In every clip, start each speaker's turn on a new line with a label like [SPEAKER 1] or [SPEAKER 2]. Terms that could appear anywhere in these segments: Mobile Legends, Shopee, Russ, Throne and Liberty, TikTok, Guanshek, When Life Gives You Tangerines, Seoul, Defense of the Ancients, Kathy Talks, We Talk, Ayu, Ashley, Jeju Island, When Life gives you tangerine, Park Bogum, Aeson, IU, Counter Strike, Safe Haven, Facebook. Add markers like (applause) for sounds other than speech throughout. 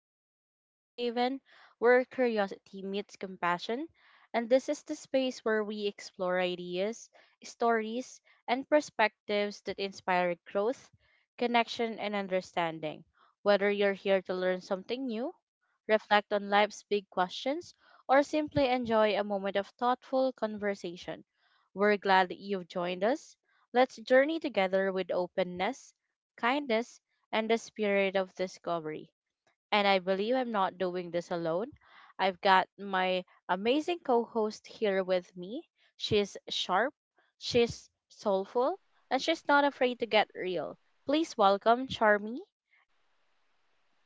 [SPEAKER 1] Welcome to Safe Haven, where curiosity meets compassion. And this is the space where we explore ideas, stories, and perspectives that inspire growth, connection, and understanding. Whether you're here to learn something new, reflect on life's big questions, or simply enjoy a moment of thoughtful conversation, we're glad that you've joined us. Let's journey together with openness, kindness, and the spirit of discovery. And I believe I'm not doing this alone. I've got my amazing co host here with me. She's sharp, she's soulful, and she's not afraid to get real. Please welcome Charmy.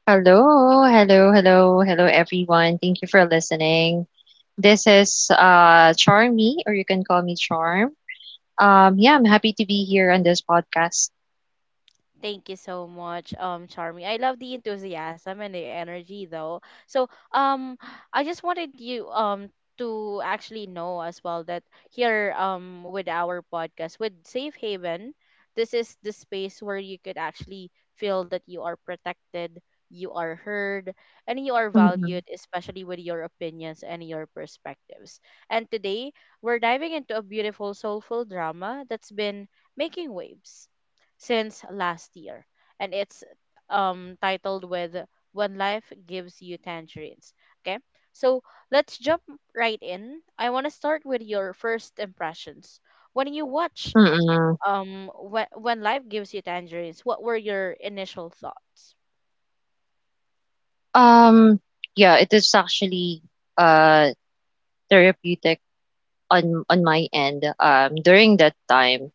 [SPEAKER 2] Hello, everyone. Thank you for listening. This is Charmy, or you can call me Charm. Yeah, I'm happy to be here on this podcast.
[SPEAKER 1] Thank you so much, Charmy. I love the enthusiasm and the energy, though. So, um, I just wanted you, to actually know as well that here, with our podcast, with Safe Haven, this is the space where you could actually feel that you are protected, you are heard, and you are valued,
[SPEAKER 2] Mm-mm.
[SPEAKER 1] especially with your opinions and your perspectives. And today, we're diving into a beautiful, soulful drama that's been making waves since last year, and it's titled with "When Life Gives You Tangerines." Okay, so let's jump right in. I want to start with your first impressions when you watch
[SPEAKER 2] Mm-mm.
[SPEAKER 1] When Life Gives You Tangerines. What were your initial thoughts?
[SPEAKER 2] Um, yeah, it is actually uh therapeutic on my end. During that time.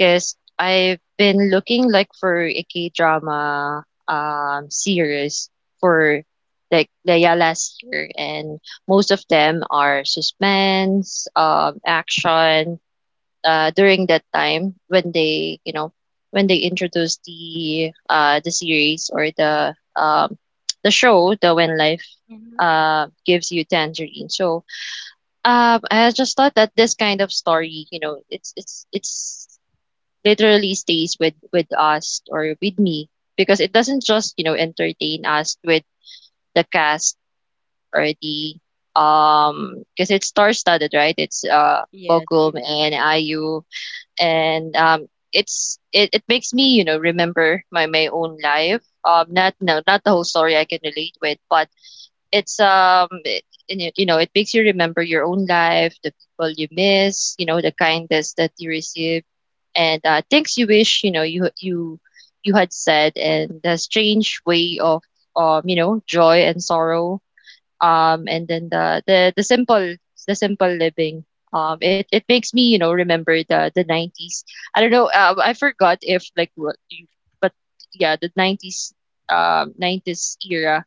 [SPEAKER 2] 'Cause I've been looking like for a K-drama series for like last year, and most of them are suspense, action. During that time when they, you know, when they introduced the series or the (tsk) the show, the When Life
[SPEAKER 1] Hmm.
[SPEAKER 2] Gives You Tangerine. So I just thought that this kind of story, you know, it's literally stays with us or with me, because it doesn't just, you know, entertain us with the cast or the um, because it's star studded right? It's
[SPEAKER 1] Yes,
[SPEAKER 2] Bogum
[SPEAKER 1] indeed,
[SPEAKER 2] and Ayu, and um, it makes me, you know, remember my own life. Um, not not the whole story I can relate with, but it's um, and you know, it makes you remember your own life, the people you miss, you know, the kindness that you receive, and things you wish, you know, you you had said, and the strange way of you know, joy and sorrow, um, and then the simple the simple living, um, it makes me, you know, remember the 90s. I don't know I forgot if like what you, but yeah, the 90s, um, 90s era.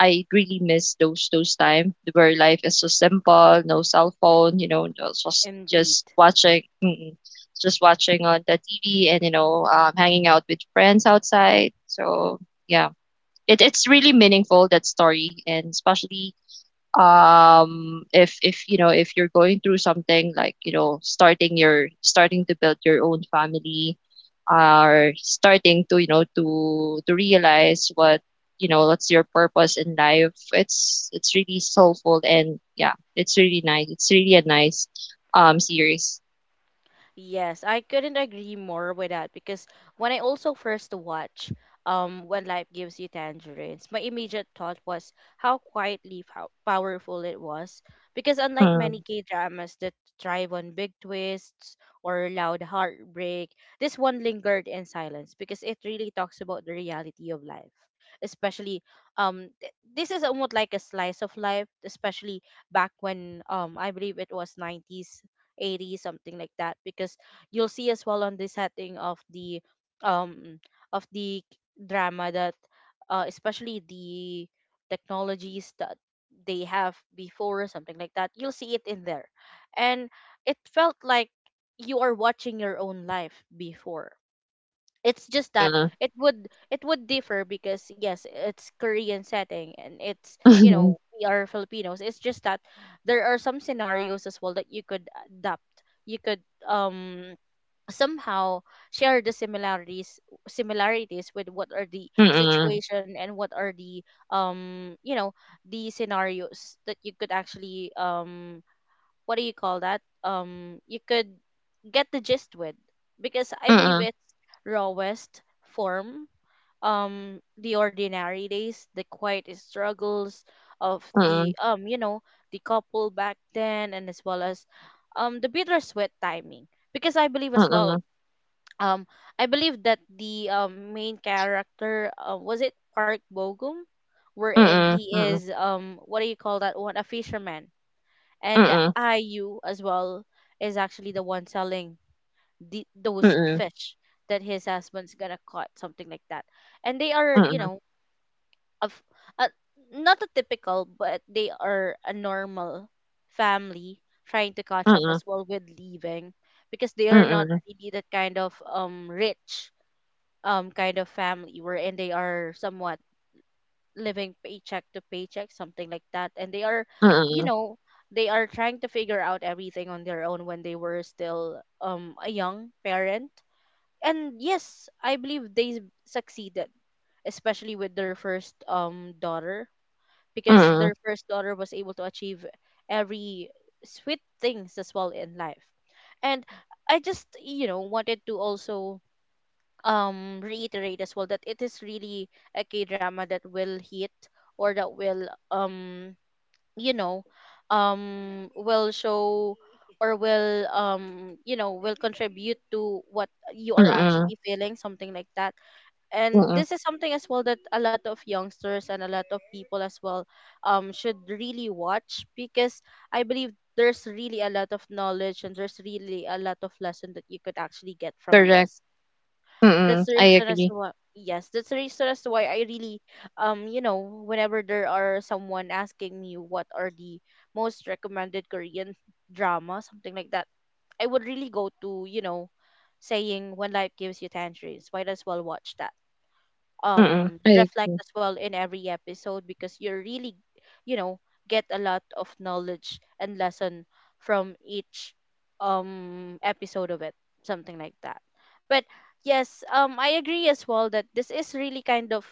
[SPEAKER 2] I really miss those time where life is so simple. No cell phone, you know,
[SPEAKER 1] indeed.
[SPEAKER 2] just watching mm, just watching on the TV, and you know, hanging out with friends outside. So yeah, it's really meaningful, that story. And especially um, if you know, if you're going through something, like you know, starting your, starting to build your own family, or starting to, you know, to realize what, you know, what's your purpose in life, it's really soulful. And yeah, it's really nice, it's really a nice series.
[SPEAKER 1] Yes, I couldn't agree more with that, because when I also first watched When Life Gives You Tangerines, my immediate thought was how powerful it was, because unlike many
[SPEAKER 2] Mm,
[SPEAKER 1] K-dramas that thrive on big twists or loud heartbreak, this one lingered in silence because it really talks about the reality of life. Especially this is almost like a slice of life, especially back when I believe it was 90s 80 something like that, because you'll see as well on the setting of the um of the drama, that, especially the technologies that they have before, something like that, you'll see it in there. And it felt like you are watching your own life before. It's just that
[SPEAKER 2] mm,
[SPEAKER 1] it would differ, because yes, it's Korean setting and it's,
[SPEAKER 2] (laughs) mm,
[SPEAKER 1] we are Filipinos. It's just that there are some scenarios as well that you could adapt. You could, um somehow share the similarities with what are the
[SPEAKER 2] mm,
[SPEAKER 1] situation, and what are the, the scenarios that you could actually, what do you call that, you could get the gist with, because I believe
[SPEAKER 2] mm,
[SPEAKER 1] it's rawest form, the ordinary days, the quiet struggles of the,
[SPEAKER 2] mm,
[SPEAKER 1] the couple back then, and as well as the bittersweet timing, because I believe
[SPEAKER 2] mm,
[SPEAKER 1] as well,
[SPEAKER 2] mm,
[SPEAKER 1] um I believe that the main character, was it Park Bogum, wherein
[SPEAKER 2] mm,
[SPEAKER 1] he
[SPEAKER 2] mm,
[SPEAKER 1] is, what do you call that one, a fisherman.
[SPEAKER 2] mm,
[SPEAKER 1] And
[SPEAKER 2] mm,
[SPEAKER 1] IU as well is actually the one selling those
[SPEAKER 2] mm,
[SPEAKER 1] fish that his husband's gonna caught, something like that. And they are,
[SPEAKER 2] mm,
[SPEAKER 1] you
[SPEAKER 2] mm,
[SPEAKER 1] know, of uh, not a typical, but they are a normal family trying to catch up
[SPEAKER 2] mm,
[SPEAKER 1] as well with leaving, because they
[SPEAKER 2] mm,
[SPEAKER 1] are not
[SPEAKER 2] mm,
[SPEAKER 1] really that kind of rich kind of family, wherein they are somewhat living paycheck to paycheck, something like that. And they are,
[SPEAKER 2] mm,
[SPEAKER 1] (sighs) you
[SPEAKER 2] mm,
[SPEAKER 1] know, they are trying to figure out everything on their own when they were still a young parent. And yes, I believe they succeeded, especially with their first daughter,
[SPEAKER 2] mm,
[SPEAKER 1] because
[SPEAKER 2] mm,
[SPEAKER 1] their first daughter was able to achieve every sweet things as well in life. And I just, wanted to also reiterate as well that it is really a K drama that will hit, or that will you know will show, or will will contribute to what you are
[SPEAKER 2] mm,
[SPEAKER 1] actually
[SPEAKER 2] (laughs)
[SPEAKER 1] feeling, something like that.
[SPEAKER 2] Mm,
[SPEAKER 1] And
[SPEAKER 2] mm,
[SPEAKER 1] this is something as well that a lot of youngsters and a lot of people as well should really watch, because I believe there's really a lot of knowledge and there's really a lot of lesson that you could actually get from
[SPEAKER 2] correct.
[SPEAKER 1] this. That's
[SPEAKER 2] Mm, mm,
[SPEAKER 1] the
[SPEAKER 2] I
[SPEAKER 1] reason as
[SPEAKER 2] agree.
[SPEAKER 1] to why, yes, that's the reason as to why I really, whenever there are someone asking me what are the most recommended Korean drama, something like that, I would really go to, saying When Life Gives You Tangerines, might as well watch that,
[SPEAKER 2] Mm, mm, I
[SPEAKER 1] reflect
[SPEAKER 2] agree.
[SPEAKER 1] as well in every episode, because you really you know get a lot of knowledge and lesson from each episode of it, something like that. But yes, I agree as well that this is really kind of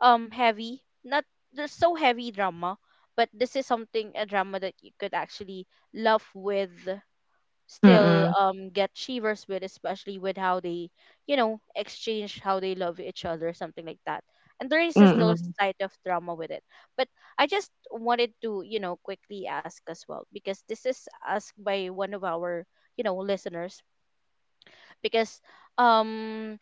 [SPEAKER 1] heavy, not there's so heavy drama, but this is something a drama that you could actually love with, still
[SPEAKER 2] Mm,
[SPEAKER 1] get shivers with, especially with how they exchange how they love each other, something like that. And there is
[SPEAKER 2] mm,
[SPEAKER 1] a still
[SPEAKER 2] mm.
[SPEAKER 1] slight of drama with it. But I just wanted to quickly ask as well, because this is asked by one of our listeners, because um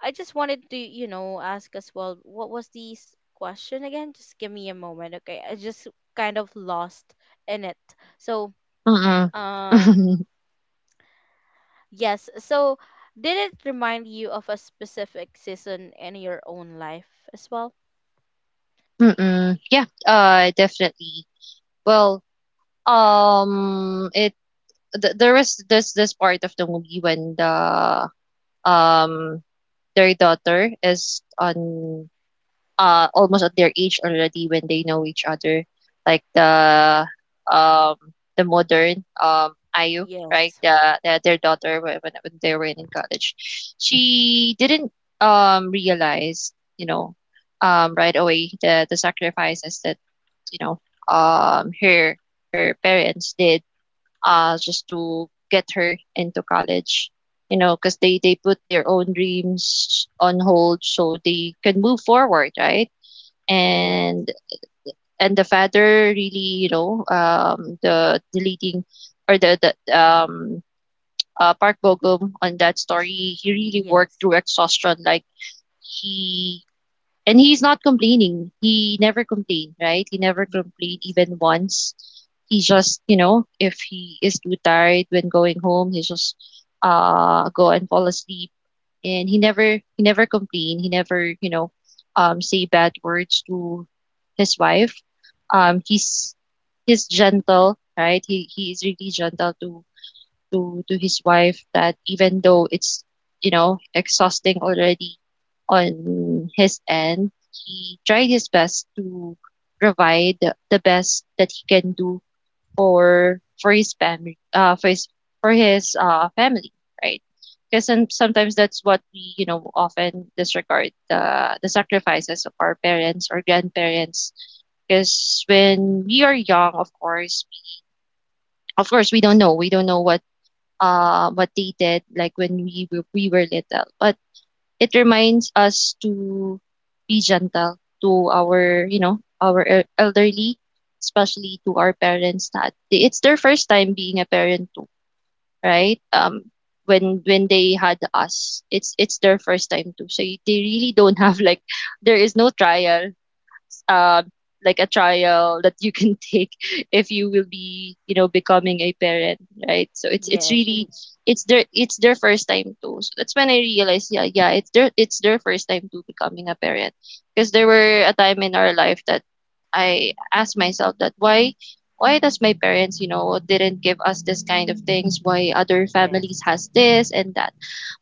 [SPEAKER 1] I just wanted to ask as well, what was the question again? Just give me a moment. Okay, I just kind of lost in it. So,
[SPEAKER 2] Mm. Mm
[SPEAKER 1] um
[SPEAKER 2] mm,
[SPEAKER 1] yes. So, did it remind you of a specific season in your own life as well?
[SPEAKER 2] mm mm, (laughs) yeah, definitely. Well, it th there was this this part of the movie when the um, their daughter is on almost at their age already when they know each other, like the um, the modern Ayu, right?
[SPEAKER 1] Yes.
[SPEAKER 2] The their daughter when they were in college, she didn't realize you know right away the sacrifices that you know her her parents did just to get her into college, you know, because they put their own dreams on hold so they can move forward, right?
[SPEAKER 1] Yes.
[SPEAKER 2] and and the father really, you know, um, the leading or the Park Bogum, on that story he really worked
[SPEAKER 1] Yes.
[SPEAKER 2] through exhaustion, like he, and he's not complaining, he never complained, right? He never
[SPEAKER 1] Ye-
[SPEAKER 2] complained even once. He just, you know, if he is too tired when going home, he just go and fall asleep, and he never, he never complained, he never, you know, say bad words to his wife. Um, he's gentle, right? He is really gentle to to his wife, that even though it's, you know, exhausting already on his end, he tried his best to provide the best that he can do for his family, for his, for his family, right? Because sometimes that's what we, you know, often disregard, the sacrifices of our parents or grandparents, because when we are young, of course, of course we don't know, we don't know what they did, like when we were little. But it reminds us to be gentle to our, you know, our elderly, especially to our parents, that it's their first time being a parent too, right? Um, when they had us, it's their first time too. So they really don't (laughs) have like, there is no trial, uh, like a trial that you can take (laughs) if you will be, you know, becoming a parent, right? So it's
[SPEAKER 1] Yes.
[SPEAKER 2] really, it's their, it's their first time too. So that's when I realized, yeah yeah, it's their, it's their first time to becoming a parent. Because there were a time in our life that I asked myself that why does my parents, you know, didn't give us this kind of things, why other
[SPEAKER 1] Yes.
[SPEAKER 2] families has this and that.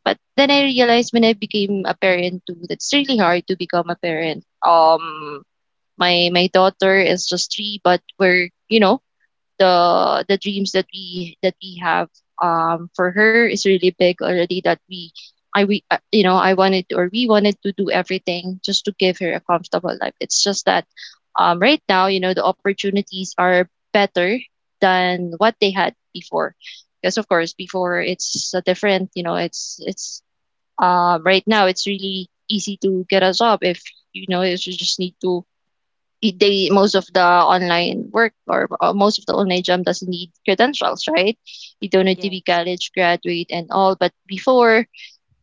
[SPEAKER 2] But then I realized when I became a parent too, that's really hard to become a parent. Um, my daughter is just 3, but we're, you know, the dreams that we have, for her is really big already, that we I, we you know, I wanted to, or we wanted to do everything just to give her a comfortable life. It's just that um, right now, you know, the opportunities are better than what they had before. Because of course, before it's different, you know, it's um, right now it's really easy to get a job if, you know, if you just need to, they, most of the online work, or most of the online job, doesn't need credentials, right? You don't need to be
[SPEAKER 1] Yes.
[SPEAKER 2] college graduate and all. But before,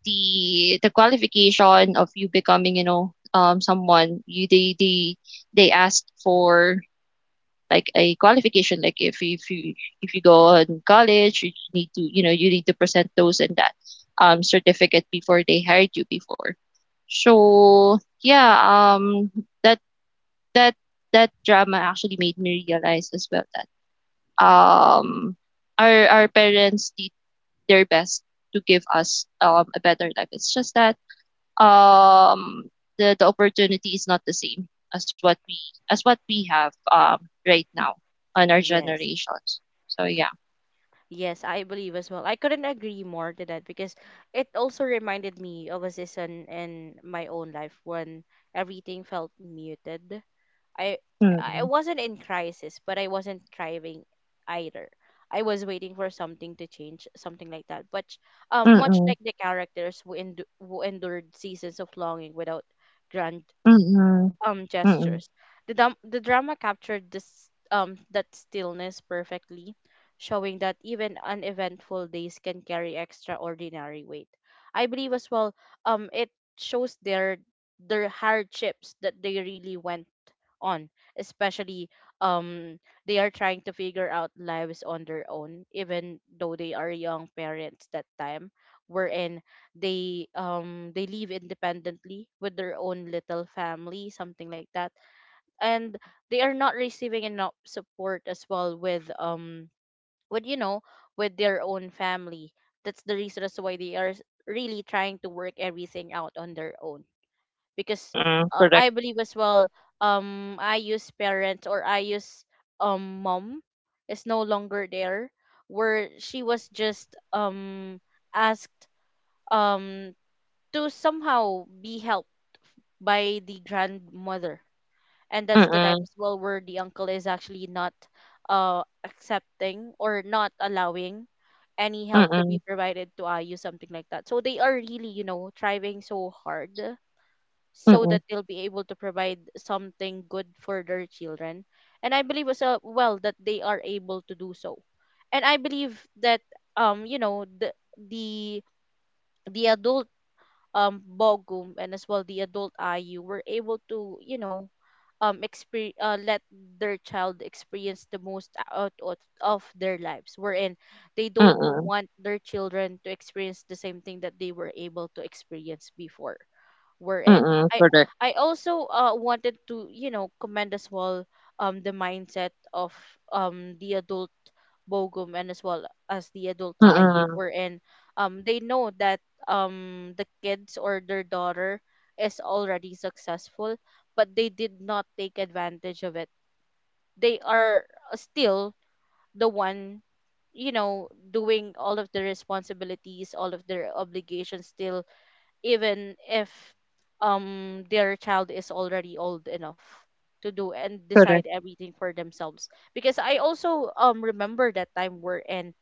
[SPEAKER 2] the qualification of you becoming, you know, someone, you they they asked for like a qualification, like if you, if you, if you go on college you need to, you know, you need to present those and that certificate before they hired you before. So yeah, um, that that that drama actually made me realize as well that um, our parents did their best to give us a better life. It's just that um, the opportunity is not the same as what we, as what we have right now on our
[SPEAKER 1] Yes.
[SPEAKER 2] generations. So yeah.
[SPEAKER 1] Yes, I believe as well. I couldn't agree more to that, because it also reminded me of a season in my own life when everything felt muted. I I
[SPEAKER 2] Mm-mm.
[SPEAKER 1] wasn't in crisis, but I wasn't thriving either. I was waiting for something to change, something like that. But much
[SPEAKER 2] Mm-mm.
[SPEAKER 1] like the characters who endured seasons of longing without grand
[SPEAKER 2] Mm-mm. Mm-mm.
[SPEAKER 1] gestures. The drama captured this that stillness perfectly, showing that even uneventful days can carry extraordinary weight. I believe as well it shows their hardships that they really went on, especially um they are trying to figure out lives on their own, even though they are young parents that time. Wherein they, live independently with their own little family, something like that, and they are not receiving enough support as well with, with you know with their own family. That's the reason as to why they are really trying to work everything out on their own, because,
[SPEAKER 2] Mm-mm. Correct.
[SPEAKER 1] I believe as well, I use parents, or I use mom is no longer there, where she was just asked um to somehow be helped by the grandmother. And that's the time
[SPEAKER 2] Mm-mm.
[SPEAKER 1] as well where the uncle is actually not, accepting, or not allowing any help to
[SPEAKER 2] Mm-mm.
[SPEAKER 1] be provided to Ayu, something like that. So they are really, striving so hard so
[SPEAKER 2] Mm-mm.
[SPEAKER 1] that they'll be able to provide something good for their children. And I believe as, well, that they are able to do so. And I believe that, the the the adult Bogum, and as well the adult IU, were able to let their child experience the most out of their lives, wherein they don't
[SPEAKER 2] Mm-mm.
[SPEAKER 1] want their children to experience the same thing that they were able to experience before, we're in.
[SPEAKER 2] Mm-mm.
[SPEAKER 1] I
[SPEAKER 2] Correct.
[SPEAKER 1] I also wanted to commend as well the mindset of the adult Bogum and as well as the adult IU
[SPEAKER 2] Mm-mm.
[SPEAKER 1] were in. They know that the kids or their daughter is already successful, but they did not take advantage of it. They are still the one doing all of the responsibilities, all of their obligations still, even if their child is already old enough to do and decide
[SPEAKER 2] Correct.
[SPEAKER 1] everything for themselves. Because I also remember that time we're in,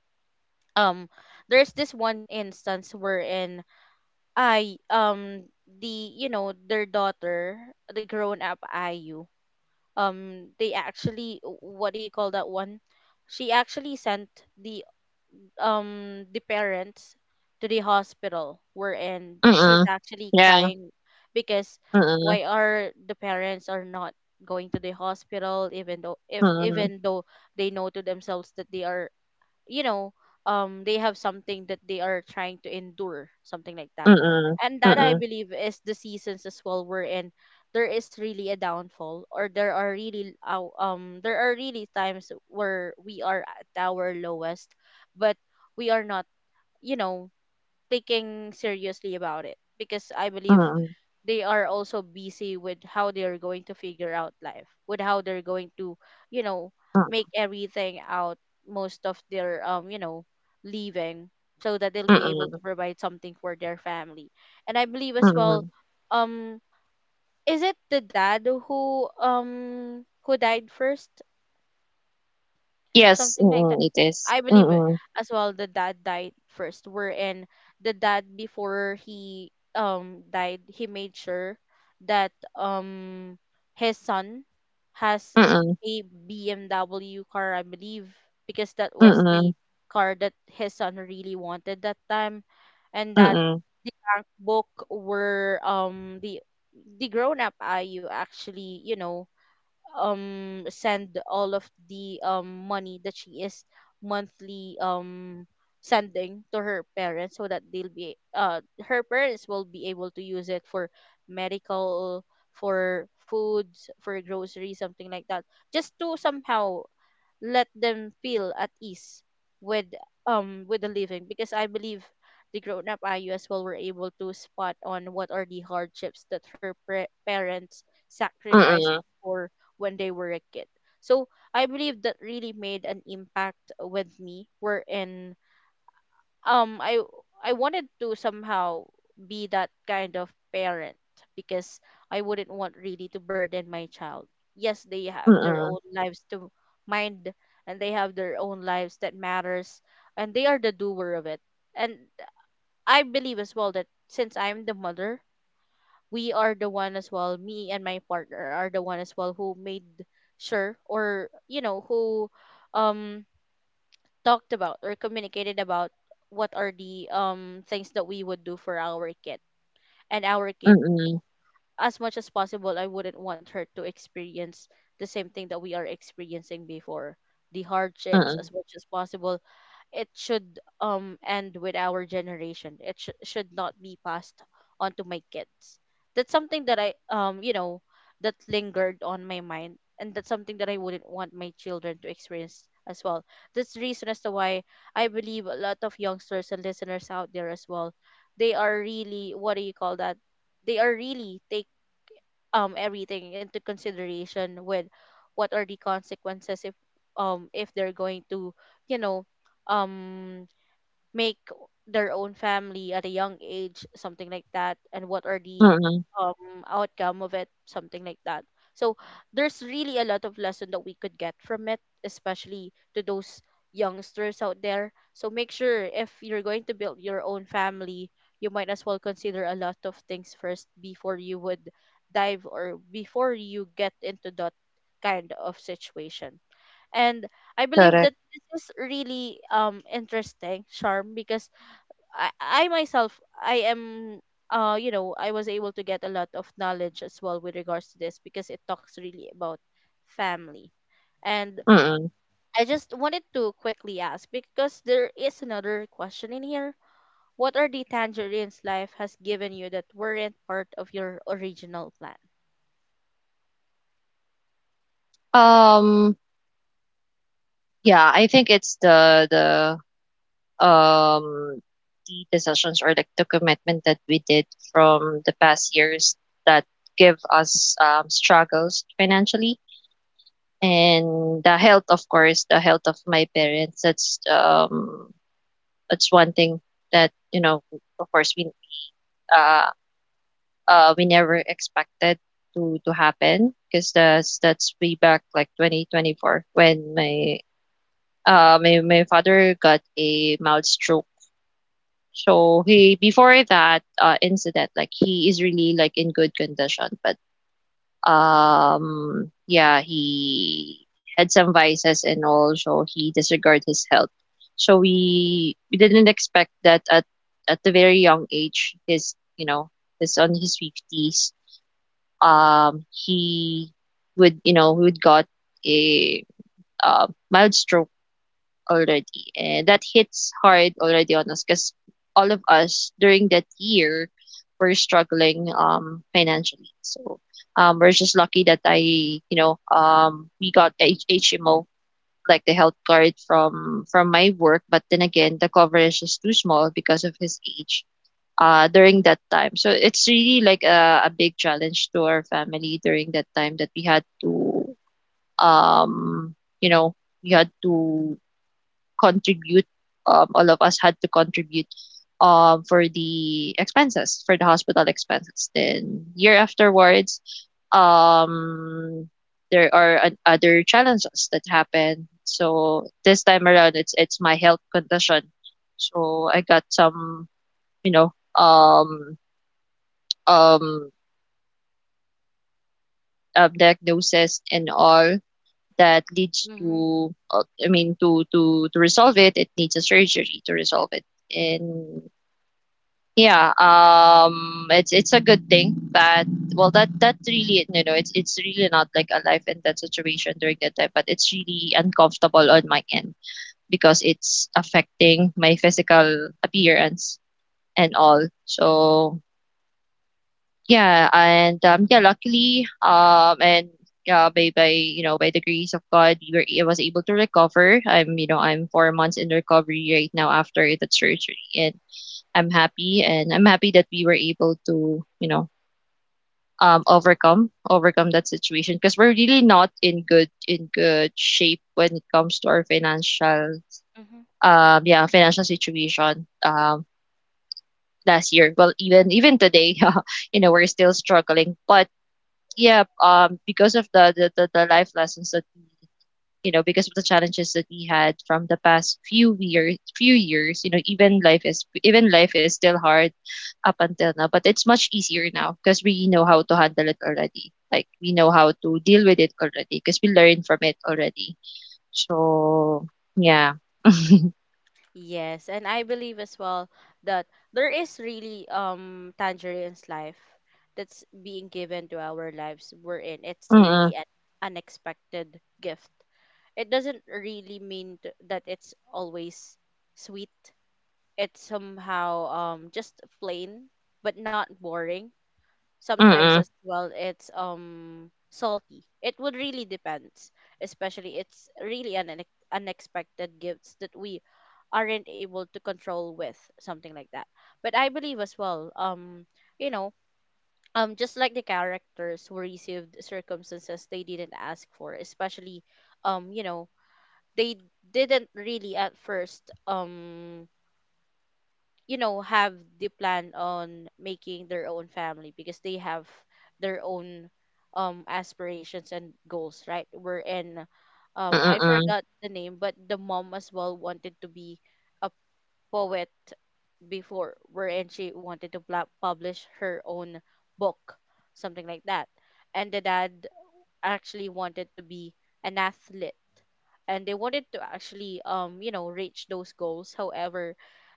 [SPEAKER 1] um there's this one instance wherein I the you know their daughter, the grown up IU, they actually, what do you call that one, she actually sent the, parents to the hospital, wherein she's
[SPEAKER 2] Mm-mm.
[SPEAKER 1] actually
[SPEAKER 2] Yeah.
[SPEAKER 1] crying because
[SPEAKER 2] Mm-mm.
[SPEAKER 1] why are the parents are not going to the hospital, even though if
[SPEAKER 2] Mm,
[SPEAKER 1] even though they know to themselves that they are, you know they have something that they are trying to endure, something like that.
[SPEAKER 2] mm,
[SPEAKER 1] And that, I
[SPEAKER 2] mm,
[SPEAKER 1] believe, is the seasons as well, wherein there is really a downfall, or there are really, there are really times where we are at our lowest, but we are not you know taking seriously about it, because I believe
[SPEAKER 2] mm,
[SPEAKER 1] they are also busy with how they are going to figure out life, with how they're going to, you know,
[SPEAKER 2] mm,
[SPEAKER 1] make everything out most of their, leaving, so that they'll be able
[SPEAKER 2] mm,
[SPEAKER 1] to provide something for their family. And I believe as well,
[SPEAKER 2] mm.
[SPEAKER 1] um, is it the dad who died first?
[SPEAKER 2] Yes,
[SPEAKER 1] Something like
[SPEAKER 2] mm,
[SPEAKER 1] that.
[SPEAKER 2] it is.
[SPEAKER 1] I believe it
[SPEAKER 2] Mm,
[SPEAKER 1] as well the dad died first. Wherein the dad before he died, he made sure that um his son has
[SPEAKER 2] mm,
[SPEAKER 1] a BMW car, I believe, because that
[SPEAKER 2] mm,
[SPEAKER 1] was the
[SPEAKER 2] mm,
[SPEAKER 1] car that his son really wanted that time, and that
[SPEAKER 2] mm,
[SPEAKER 1] the bank book were the grown up IU actually send all of the money that she is monthly sending to her parents, so that they'll be her parents will be able to use it for medical, for foods, for groceries, something like that, just to somehow let them feel at ease with with the living, because I believe the grown up IU as well were able to spot on what are the hardships that her parents sacrificed
[SPEAKER 2] mm,
[SPEAKER 1] for when they were a kid. So I believe that really made an impact with me, wherein um i I wanted to somehow be that kind of parent, because I wouldn't want really to burden my child. Yes, they have their
[SPEAKER 2] mm,
[SPEAKER 1] own lives to mind, and they have their own lives that matters, and they are the doer of it. And I believe as well that since I'm the mother, we are the one as well, me and my partner are the one as well who made sure or who um talked about or communicated about what are the things that we would do for our kid. And our kid, as much as possible, I wouldn't want her to experience the same thing that we are experiencing before, the hardships,
[SPEAKER 2] mm,
[SPEAKER 1] as much as possible. It should end with our generation. It should not be passed on to my kids. That's something that I that lingered on my mind, and that's something that I wouldn't want my children to experience as well. That's the reason as to why I believe a lot of youngsters and listeners out there as well, they are really, what do you call that? They are really everything into consideration with what are the consequences if they're going to you know um make their own family at a young age, something like that, and what are the
[SPEAKER 2] mm.
[SPEAKER 1] outcome of it, something like that. So there's really a lot of lesson that we could get from it, especially to those youngsters out there. So make sure, if you're going to build your own family, you might as well consider a lot of things first before you would dive or before you get into that kind of situation. And I believe
[SPEAKER 2] Correct.
[SPEAKER 1] that this is really interesting, Charm, because I myself I am I was able to get a lot of knowledge as well with regards to this, because it talks really about family. And
[SPEAKER 2] Mm.
[SPEAKER 1] I just wanted to quickly ask, because there is another question in here. What are the tangerines life has given you that weren't part of your original plan?
[SPEAKER 2] Um, yeah, I think it's the um the decisions or like the commitment that we did from the past years, that give us struggles financially, and the health, of course, the health of my parents. That's um, that's one thing that, you know, of course uh, we never expected to happen. Because that's way back like 2024 when my my, my father got a mild stroke. So he, before that incident, like he is really like in good condition, but um, yeah, he had some vices, and also he disregarded his health. So we didn't expect that at the very young age, his, you know, his on his fifties, he would, you know, would got a mild stroke already, and that hits hard already on us, because all of us during that year were struggling financially. So we're just lucky that I, you know, um, we got HMO, like the health card, from my work. But then again, the coverage is too small because of his age during that time. So it's really like a big challenge to our family during that time, that we had to um, you know, we had to contribute. All of us had to contribute for the expenses, for the hospital expenses. Then year afterwards, um, there are other challenges that happen. So this time around, it's my health condition. So I got some, you know, um, diagnosis and all, that leads
[SPEAKER 1] Mm-hmm.
[SPEAKER 2] to, I mean, to to resolve it, it needs a surgery to resolve it. And yeah, it's a good thing that, well, that that really, you know, it's really not like a life and death situation during that time, but it's really uncomfortable on my end, because it's affecting my physical appearance and all. So yeah, and yeah, luckily um, and yeah, by, you know, by the grace of God, we were, I was able to recover. I'm, you know, I'm four months in recovery right now after the surgery. And I'm happy, and I'm happy that we were able to, you know, um, overcome that situation, because we're really not in good, in good shape when it comes to our financial um, yeah, financial situation last year. Well, even today, (laughs) we're still struggling, but yeah, because of the life lessons that we. You know, because of the challenges that we had from the past few years, you know, even life is still hard up until now, but it's much easier now because we know how to handle it already. Like we know how to deal with it already because we learned from it already. So yeah. (laughs)
[SPEAKER 1] Yes, and I believe as well that there is really Tangerine's life that's being given to our lives, we're in. It's
[SPEAKER 2] Mm-mm,
[SPEAKER 1] really an unexpected gift. It doesn't really mean that it's always sweet. It's somehow just plain but not boring. Sometimes as
[SPEAKER 2] mm-mm,
[SPEAKER 1] well it's salty. It would really depends, especially it's really an unexpected gifts that we aren't able to control with, something like that. But I believe as well, you know just like the characters who received circumstances they didn't ask for, especially um you know they didn't really at first have the plan on making their own family because they have their own aspirations and goals, right? We're in I
[SPEAKER 2] mm-mm,
[SPEAKER 1] forgot the name, but the mom as well wanted to be a poet before, wherein she wanted to publish her own book, something like that. And the dad actually wanted to be an athlete, and they wanted to actually reach those goals. However,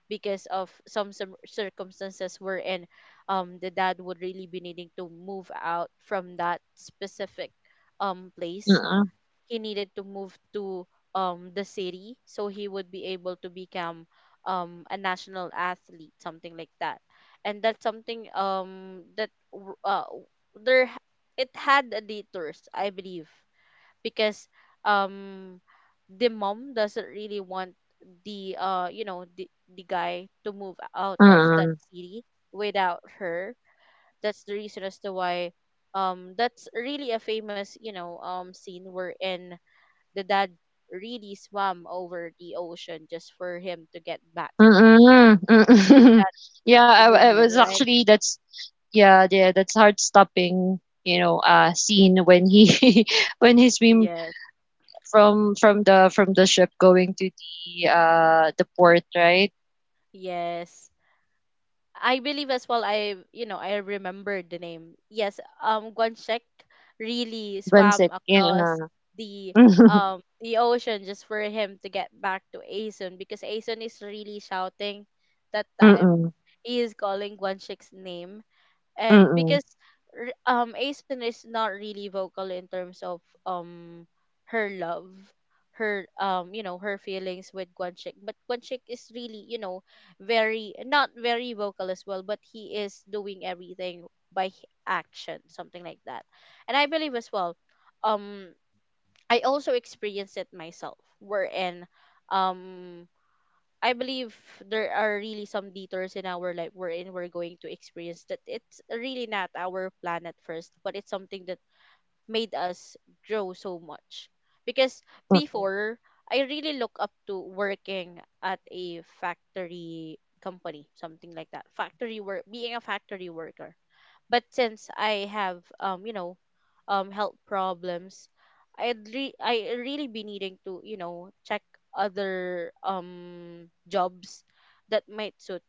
[SPEAKER 1] because of some circumstances, wherein the dad would really be needing to move out from that specific place.
[SPEAKER 2] mm-mm,
[SPEAKER 1] He needed to move to the city, so he would be able to become a national athlete, something like that. And that's something that w- w- there h- it had a detours, I believe, because um the mom doesn't really want the you know the guy to move out of that city without her. That's the reason as to why that's really a famous scene wherein the dad really swam over the ocean just for him to get back
[SPEAKER 2] mm, mm.
[SPEAKER 1] that
[SPEAKER 2] (laughs) Yeah, I
[SPEAKER 1] woman,
[SPEAKER 2] was
[SPEAKER 1] right?
[SPEAKER 2] actually that's yeah, yeah, that's heart-stopping, scene when he (laughs) when he swim
[SPEAKER 1] Yes.
[SPEAKER 2] from the ship going to the port, right?
[SPEAKER 1] Yes, I believe as well, I I remembered the name. Yes, Guanshek really swam
[SPEAKER 2] Brunset.
[SPEAKER 1] across
[SPEAKER 2] Yeah.
[SPEAKER 1] the
[SPEAKER 2] (laughs)
[SPEAKER 1] the ocean just for him to get back to Aeson, because Aeson is really shouting that
[SPEAKER 2] Mm-mm,
[SPEAKER 1] time.
[SPEAKER 2] mm-mm,
[SPEAKER 1] He is calling Guanshek's name. And
[SPEAKER 2] mm-mm,
[SPEAKER 1] because Asen is not really vocal in terms of her love, her her feelings with Guanchik. But Guanchik is really, very, not very vocal as well, but he is doing everything by action, something like that. And I believe as well, um I also experienced it myself, wherein um I believe there are really some detours in our life, wherein we're going to experience that it's really not our plan at first, but it's something that made us grow so much. Because before, I really look up to working at a factory company, something like that. Factory work, being a factory worker, but since I have health problems, I really be needing to, check other jobs that might suit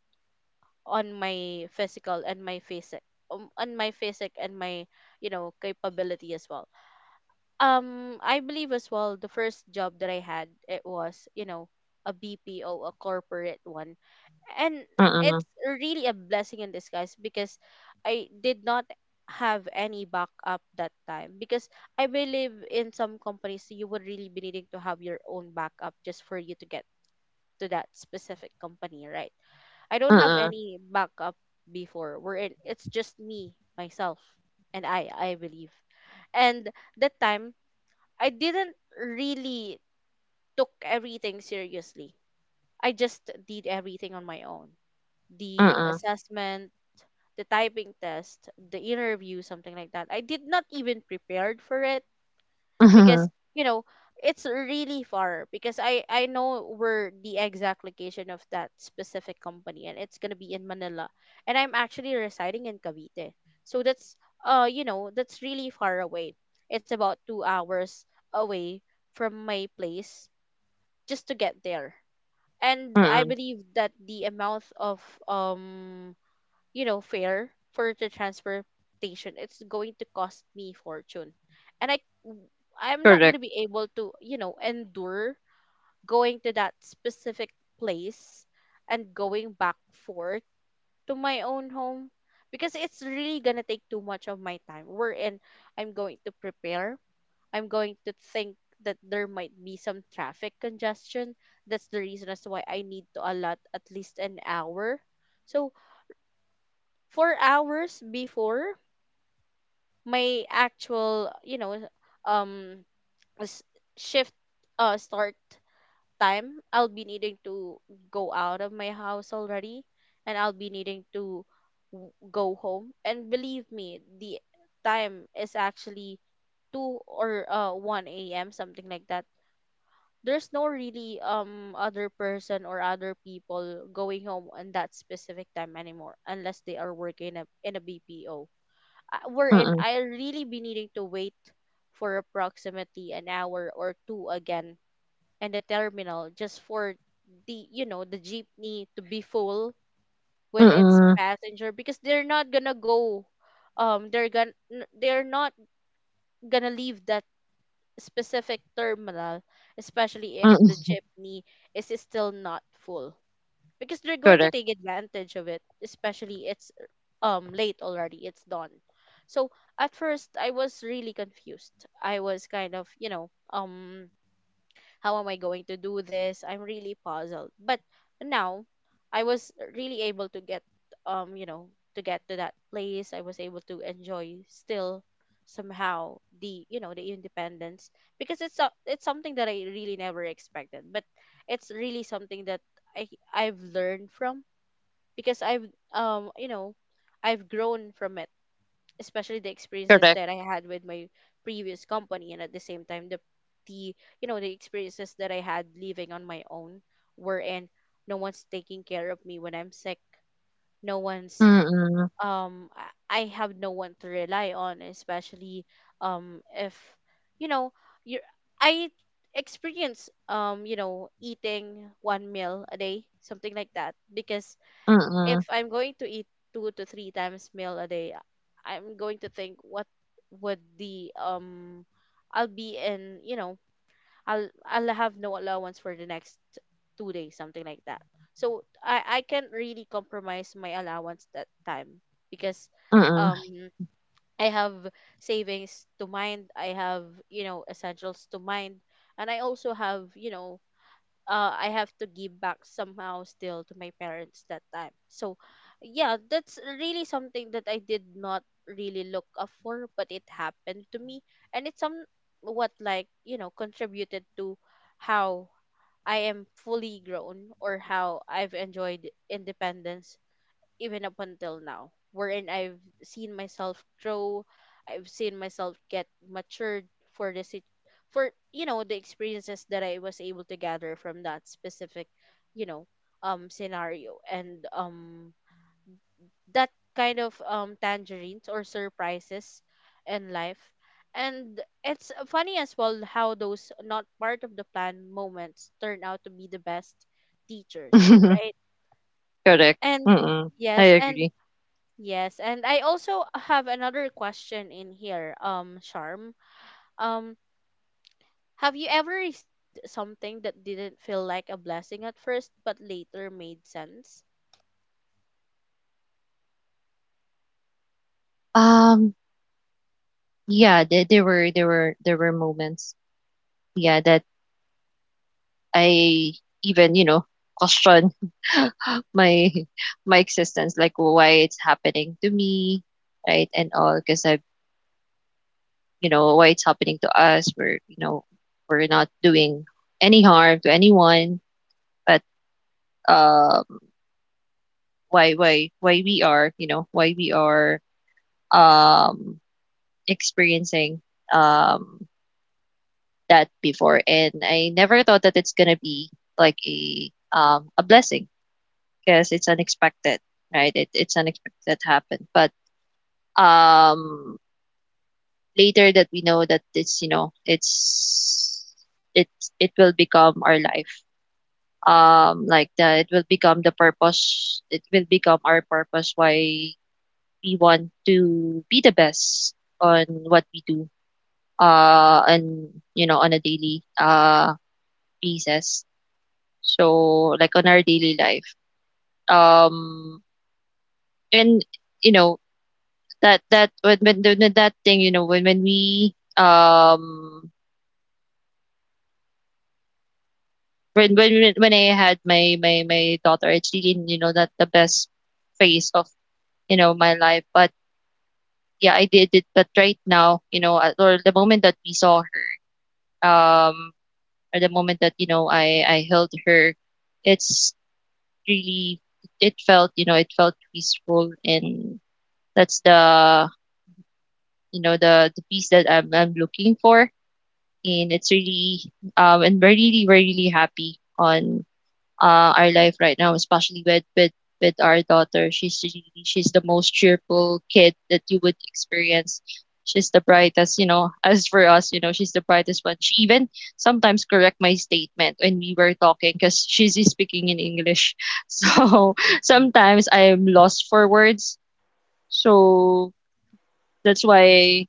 [SPEAKER 1] on my physical and my physic, on my physic and my, capability as well. I believe as well the first job that I had, it was a BPO, a corporate one, and
[SPEAKER 2] mm-mm,
[SPEAKER 1] it's really a blessing in disguise, because I did not have any backup that time, because I believe in some companies you would really be needing to have your own backup just for you to get to that specific company, right? I don't have
[SPEAKER 2] mm-mm.
[SPEAKER 1] any backup before. We're, it's just me, myself, and I believe. And that time I didn't really took everything seriously. I just did everything on my own,
[SPEAKER 2] (laughs)
[SPEAKER 1] the
[SPEAKER 2] Mm-mm,
[SPEAKER 1] assessment, the typing test, the interview, something like that. I did not even prepared for it, because
[SPEAKER 2] mhm,
[SPEAKER 1] you know it's really far, because I know where the exact location of that specific company, and it's gonna be in Manila, and I'm actually residing in Cavite, so that's that's really far away. It's about 2 hours away from my place just to get there. And I
[SPEAKER 2] mm-mm.
[SPEAKER 1] believe that the amount of um fare for the transportation, it's going to cost me fortune. And I'm not going
[SPEAKER 2] Correct.
[SPEAKER 1] to be able to, endure going to that specific place and going back forth to my own home, because it's really going to take too much of my time. Wherein I'm going to prepare, I'm going to think that there might be some traffic congestion. That's the reason as to why I need to allot at least an hour. So, 4 hours before my actual, um s- shift start time, I'll be needing to go out of my house already. And I'll be needing to go home. And believe me, the time is actually 2 or 1 a.m., something like that. There's no really other person or other people going home on that specific time anymore, unless they are working in a BPO. Wherein
[SPEAKER 2] Mm-mm,
[SPEAKER 1] I'll really be needing to wait for approximately an hour or two again in the terminal just for the you know the jeepney to be full with its
[SPEAKER 2] mm-mm,
[SPEAKER 1] passenger, because they're not gonna go, um they're gonna they're not gonna leave that specific terminal, especially if the
[SPEAKER 2] mm-mm.
[SPEAKER 1] jeepney is still not full, because they're going to
[SPEAKER 2] Correct.
[SPEAKER 1] take advantage of it, especially it's late already, it's dawn. So at first I was really confused. I was kind of, how am I going to do this? I'm really puzzled. But now I was really able to get, um, you know, to get to that place. I was able to enjoy still somehow the the independence because it's something that I really never expected, but it's really something that I I've learned from, because I've I've grown from it, especially the experiences
[SPEAKER 2] Correct.
[SPEAKER 1] that I had with my previous company, and at the same time the the experiences that I had living on my own, wherein no one's taking care of me when I'm sick, no one's
[SPEAKER 2] Mm-mm,
[SPEAKER 1] um I I have no one to rely on, especially if you know you I experience eating one meal a day, something like that, because
[SPEAKER 2] mm-mm,
[SPEAKER 1] if I'm going to eat two to three times meal a day, I'm going to think what would the I'll be in, I'll have no allowance for the next 2 days, something like that. So I can't really compromise my allowance that time because
[SPEAKER 2] mm-mm.
[SPEAKER 1] um I have savings to mind, I have, essentials to mind, and I also have, I have to give back somehow still to my parents that time. So, yeah, that's really something that I did not really look up for, but it happened to me, and it's somewhat like contributed to how I am fully grown, or how I've enjoyed independence even up until now, wherein I've seen myself grow, I've seen myself get matured for for the experiences that I was able to gather from that specific, you know, scenario, and that kind of tangerines or surprises in life. And it's funny as well how those not part of the plan moments turn out to be the best teachers, right?
[SPEAKER 2] (laughs) Correct.
[SPEAKER 1] And
[SPEAKER 2] Mm-mm. I
[SPEAKER 1] yes, and
[SPEAKER 2] agree.
[SPEAKER 1] yes, and I also have another question in here, Charm. Um, have you ever received something that didn't feel like a blessing at first, but later made sense?
[SPEAKER 2] Um, yeah, there were moments, yeah, that I even question (laughs) my my existence, like why it's happening to me, right, and all, because I you know why it's happening to us. We're you know we're not doing any harm to anyone, but um, why we are you know why we are um experiencing um that before, and I never thought that it's gonna be like a blessing because it's unexpected, right? It's unexpected that happened, but um later that we know that it it will become our life, like the it will become our purpose why we want to be the best on what we do, and, on a daily basis. So like on our daily life. Um and you know that when that thing, when we when I had my daughter, it's really not the best phase of my life. But yeah, I did it. But right now, or the moment that we saw her, um, or the moment that I held her, it's really it felt peaceful, and that's the you know the piece that I'm looking for, and it's really, and we're really happy on our life right now, especially with our daughter. She's the most cheerful kid that you would experience. She's the brightest. (laughs) As for us, she's the brightest one. She even sometimes correct my statement when we were talking because she's speaking in English. (laughs) So sometimes I am lost for words. So that's why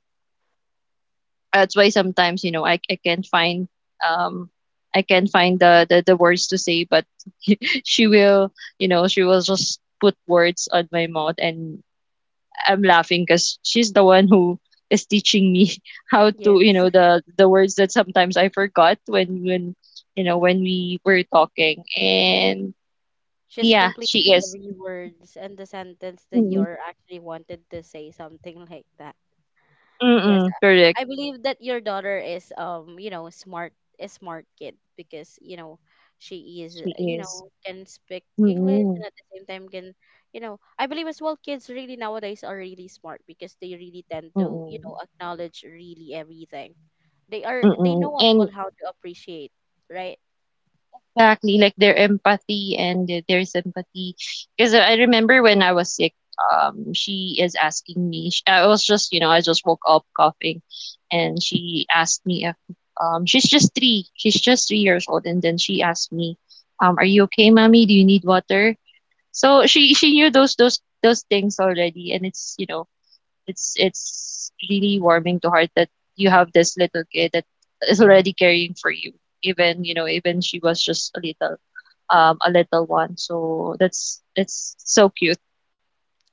[SPEAKER 2] that's why sometimes, I can't find, um the words to say, but (laughs) she will she will just put words on my mouth, and I'm laughing because she's the one who is teaching me (laughs) how to, you
[SPEAKER 1] Yes,
[SPEAKER 2] know
[SPEAKER 1] (laughs)
[SPEAKER 2] the the words that sometimes I forgot when you know when we were talking, and
[SPEAKER 1] she's
[SPEAKER 2] yeah,
[SPEAKER 1] complete
[SPEAKER 2] she is.
[SPEAKER 1] every words and the sentence that
[SPEAKER 2] Mm-mm,
[SPEAKER 1] you're actually wanted to say, something (laughs) like that. Yes,
[SPEAKER 2] mm-mm, correct,
[SPEAKER 1] I believe that your daughter is smart, a smart kid because, she is,
[SPEAKER 2] she is.
[SPEAKER 1] can speak English
[SPEAKER 2] Mm-mm,
[SPEAKER 1] and at the same time can, I believe as well kids really nowadays are really smart, because they really tend to,
[SPEAKER 2] mm-mm,
[SPEAKER 1] acknowledge really everything. They are, they
[SPEAKER 2] mm-mm.
[SPEAKER 1] know as
[SPEAKER 2] And
[SPEAKER 1] well how to appreciate, right?
[SPEAKER 2] exactly, like their empathy and their sympathy. Because I remember when I was sick, she is asking me. Sh I was just, you know, I just woke up coughing, and she asked me if, she's just 3 years old, and then she asked me, "Are you okay, mommy? Do you need water?" So she knew those things already, and it's you know it's really warming to heart that you have this little kid that is already caring for you, even you know even she was just a little one. So that's it's so cute.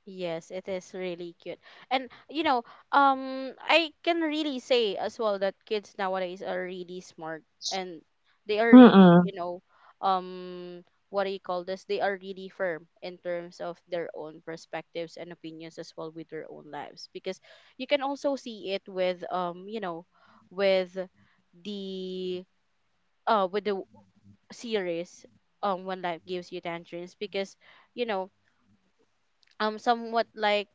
[SPEAKER 1] Yes, it is really cute. And I can really say as well that kids nowadays are really smart, and they are really,
[SPEAKER 2] Mm-mm,
[SPEAKER 1] um what do you call this? They are really firm in terms of their own perspectives and opinions as well with their own lives, because you can also see it with with the with the series When Life Gives You Tangerines, because you know somewhat like,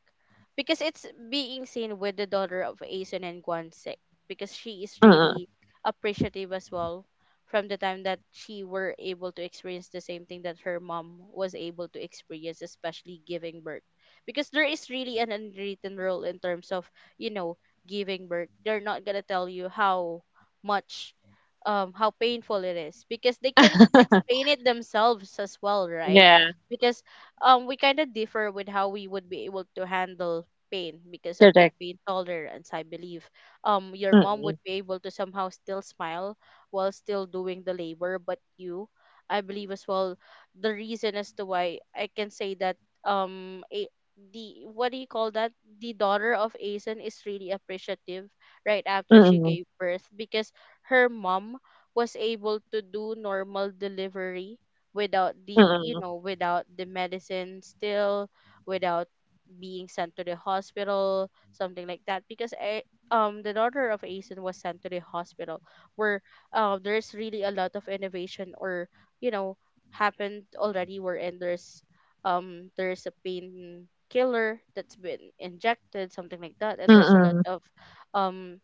[SPEAKER 1] because it's being seen with the daughter of Aeson and Guansik, because she is
[SPEAKER 2] mm-mm.
[SPEAKER 1] really appreciative as well from the time that she were able to experience the same thing that her mom was able to experience, especially giving birth, because there is really an unwritten rule in terms of you know giving birth. They're not going to tell you how much how painful it is, because they can not
[SPEAKER 2] (laughs)
[SPEAKER 1] explain it themselves as well, right?
[SPEAKER 2] Yeah,
[SPEAKER 1] Because we kind of differ with how we would be able to handle pain because of the
[SPEAKER 2] correct.
[SPEAKER 1] pain tolerance, I believe. Your mom
[SPEAKER 2] Mm-mm,
[SPEAKER 1] would be able to somehow still smile while still doing the labor, but you, I believe as well, the reason as to why I can say that, um a, the what do you call that, the daughter of Asen is really appreciative right after she
[SPEAKER 2] mm-mm,
[SPEAKER 1] gave birth, because her mom was able to do normal delivery without the,
[SPEAKER 2] mm-mm,
[SPEAKER 1] without the medicine still, without being sent to the hospital, something like that, because the daughter of Asen was sent to the hospital where, there's really a lot of innovation, or you know happened already, wherein there's a pain killer that's been injected, something like that, and there's a lot
[SPEAKER 2] mm-mm,
[SPEAKER 1] of um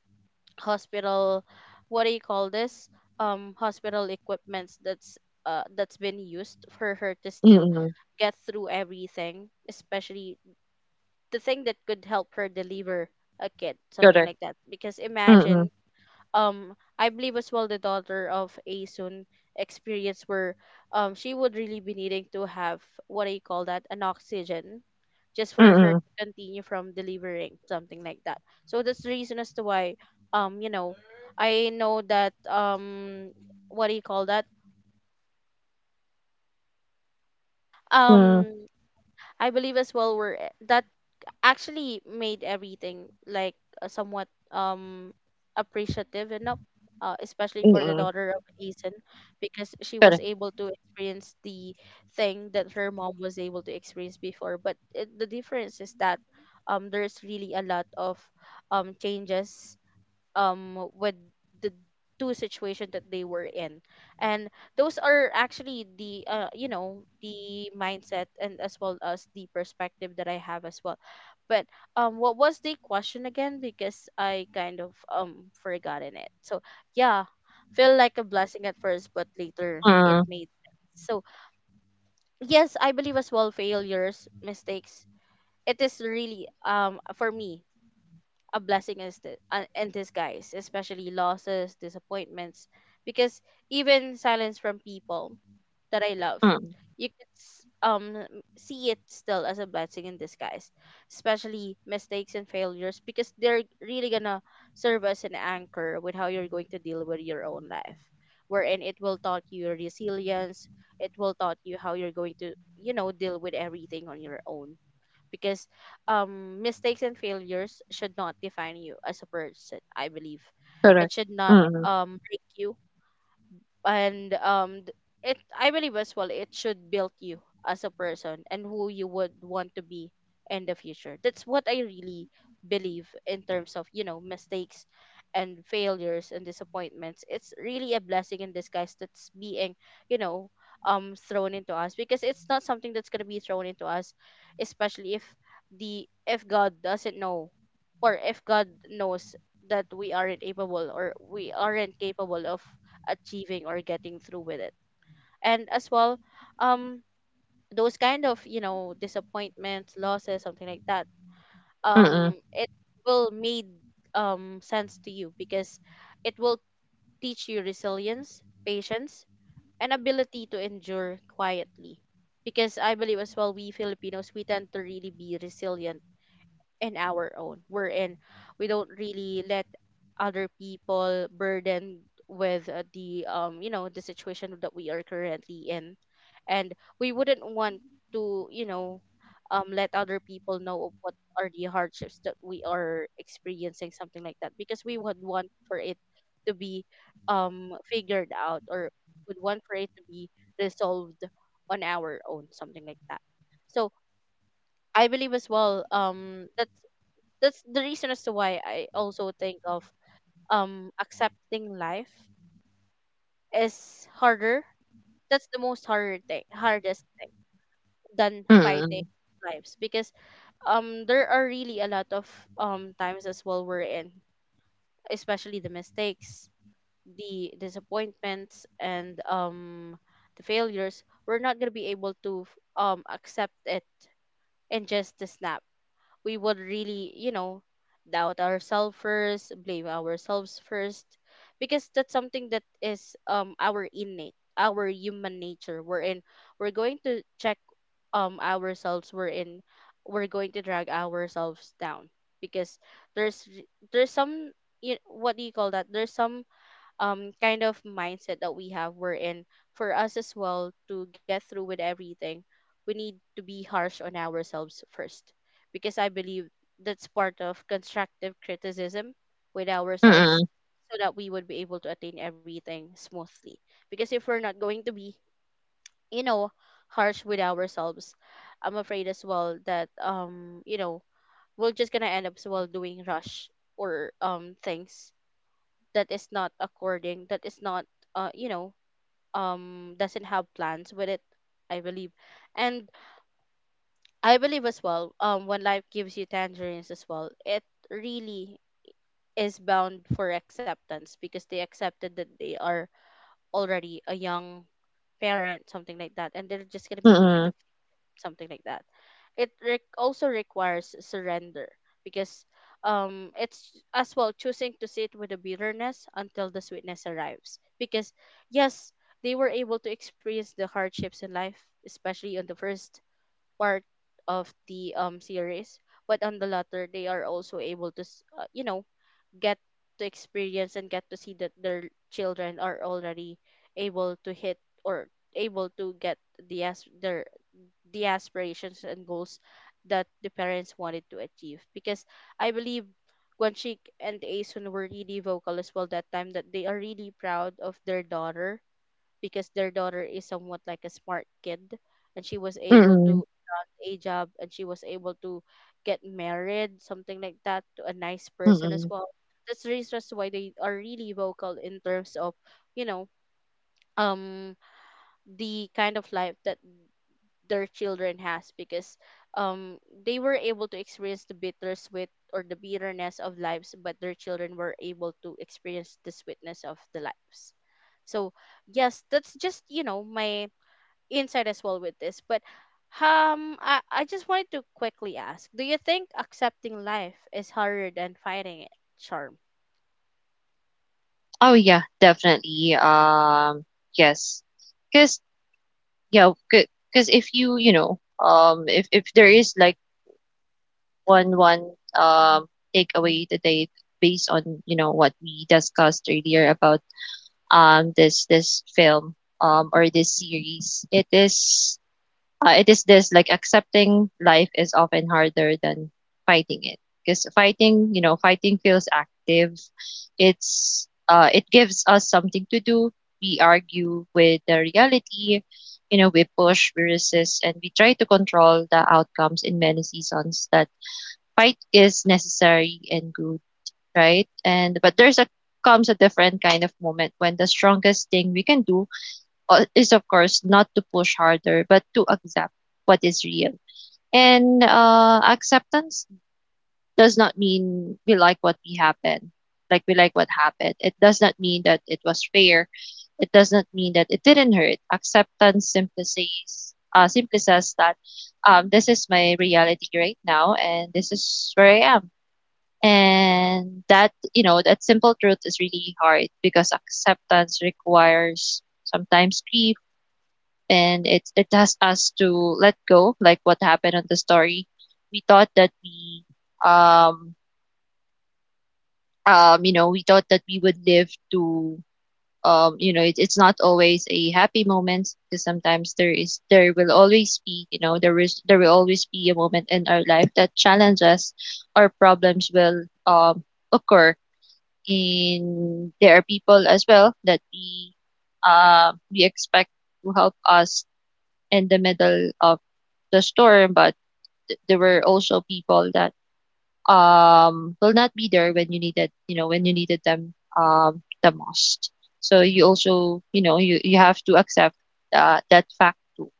[SPEAKER 1] hospital, what do you call this, hospital equipments that's uh, that's been used for her to still
[SPEAKER 2] mm-mm,
[SPEAKER 1] get through everything, especially the thing that could help her deliver a kid, something
[SPEAKER 2] correct.
[SPEAKER 1] like that, because imagine
[SPEAKER 2] Mm-mm,
[SPEAKER 1] I believe as well the daughter of Asun experience where she would really be needing to have, what do you call that, an oxygen just for her
[SPEAKER 2] mm-mm,
[SPEAKER 1] to continue from delivering, something like that. So that's the reason as to why um you know I know that what do you call that,
[SPEAKER 2] mm,
[SPEAKER 1] um I believe as well where that actually made everything like, somewhat appreciative enough, especially for the
[SPEAKER 2] mm-mm,
[SPEAKER 1] daughter of Asen, because she was
[SPEAKER 2] correct.
[SPEAKER 1] able to experience the thing that her mom was able to experience before, but it, the difference is that there's really a lot of changes with the two situation that they were in, and those are actually the the mindset, and as well as the perspective that I have as well. But what was the question again, because I kind of forgotten it? So yeah, feel like a blessing at first but later it
[SPEAKER 2] Mm,
[SPEAKER 1] made sense. So yes, I believe as well failures, mistakes, it is really for me a blessing is the, in disguise, especially losses, disappointments, because even silence from people that I love,
[SPEAKER 2] mm,
[SPEAKER 1] you can see it still as a blessing in disguise, especially mistakes and failures, because they're really gonna serve as an anchor with how you're going to deal with your own life, wherein it will taught you resilience, it will taught you how you're going to deal with everything on your own, because mistakes and failures should not define you as a person, I believe. It should not
[SPEAKER 2] correct. Mm,
[SPEAKER 1] break you, and it, I believe as well, it should build you as a person and who you would want to be in the future. That's what I really believe in terms of mistakes and failures and disappointments. It's really a blessing in disguise that's being, you know thrown into us, because it's not something that's going to be thrown into us, especially if the, if God doesn't know, or if God knows that we aren't capable, or we aren't capable of achieving or getting through with it. And as well um those kind of, disappointments, losses, something like that, it
[SPEAKER 2] mm,
[SPEAKER 1] will made sense to you, because it will teach you resilience, patience, and ability to endure quietly, because I believe as well we Filipinos, we tend to really be resilient and our own, We're in. We don't really let other people burdened with, the you know the situation that we are currently in, and we wouldn't want to, let other people know of what are the hardships that we are experiencing, something like that, because we would want for it to be figured out, or would want for it to be resolved on our own, something like that. So I believe as well that that's the reason as to why I also think of accepting life is harder. That's the most harder thing, hardest thing than fighting
[SPEAKER 2] mm,
[SPEAKER 1] lives, because there are really a lot of times as well, we're in, especially the mistakes, the disappointments, and the failures, we're not gonna be able to accept it in just a snap. We would really, doubt ourselves first, blame ourselves first, because that's something that is our innate, our human nature, We're in. We're going to check ourselves, We're in. We're going to drag ourselves down, because there's r- there's some, you what do you call that? There's some kind of mindset that we have, we're in for us as well to get through with everything, we need to be harsh on ourselves first, because I believe that's part of constructive criticism with ourselves,
[SPEAKER 2] mm,
[SPEAKER 1] so that we would be able to attain everything smoothly, because if we're not going to be, you know harsh with ourselves, I'm afraid as well that we're just gonna end up as well doing rush or things that is not according, that is not, uh you know doesn't have plans with it, I believe. And I believe as well when life gives you tangerines as well, it really is bound for acceptance, because they accepted that they are already a young parent, something like that, and they're just going to be needing
[SPEAKER 2] mm,
[SPEAKER 1] to, something like that. It also requires surrender, because it's as well choosing to sit with the bitterness until the sweetness arrives. Because yes, they were able to experience the hardships in life, especially on the first part of the series, but on the latter they are also able to you know get to experience and get to see that their children are already able to hit or able to get the as their the aspirations and goals that the parents wanted to achieve, because I believe Guanchik and Aeson were really vocal as well that time, that they are really proud of their daughter because their daughter is somewhat like a smart kid and she was able
[SPEAKER 2] mm,
[SPEAKER 1] to land a job and she was able to get married, something like that, to a nice person as
[SPEAKER 2] mm.
[SPEAKER 1] well. That's the reason as to why they are really vocal in terms of, you know, um the kind of life that their children has, because um they were able to experience the bitter sweet or the bitterness of lives, but their children were able to experience the sweetness of the lives. So yes, that's just, you know, my insight as well with this. But I just wanted to quickly ask, do you think accepting life is harder than fighting it, Charm?
[SPEAKER 2] Oh yeah, definitely. Yes, because yeah, because if you you know, if there is like one takeaway today based on, what we discussed earlier about, this film, or this series. It is this, like, accepting life is often harder than fighting it, because fighting you know fighting feels active. It gives us something to do. We argue with the reality, we push, we resist, and we try to control the outcomes. In many seasons, that fight is necessary and good, right? And but there's a comes a different kind of moment when the strongest thing we can do, is, of course, not to push harder but to accept what is real. And, acceptance does not mean we like what happened. It does not mean that it was fair. It does not mean that it didn't hurt. Acceptance simply says, that, this is my reality right now, and this is where I am, and that, you know, that simple truth is really hard, because acceptance requires sometimes grief, and it has us to let go, like what happened on the story. we thought that we um we thought that we would live to, it's not always a happy moment, because sometimes there will always be, a moment in our life that challenges or problems will occur, and there are people as well that we expect to help us in the middle of the storm, but there were also people that, will not be there when you needed them, the most. So you also, you have to accept, that fact too,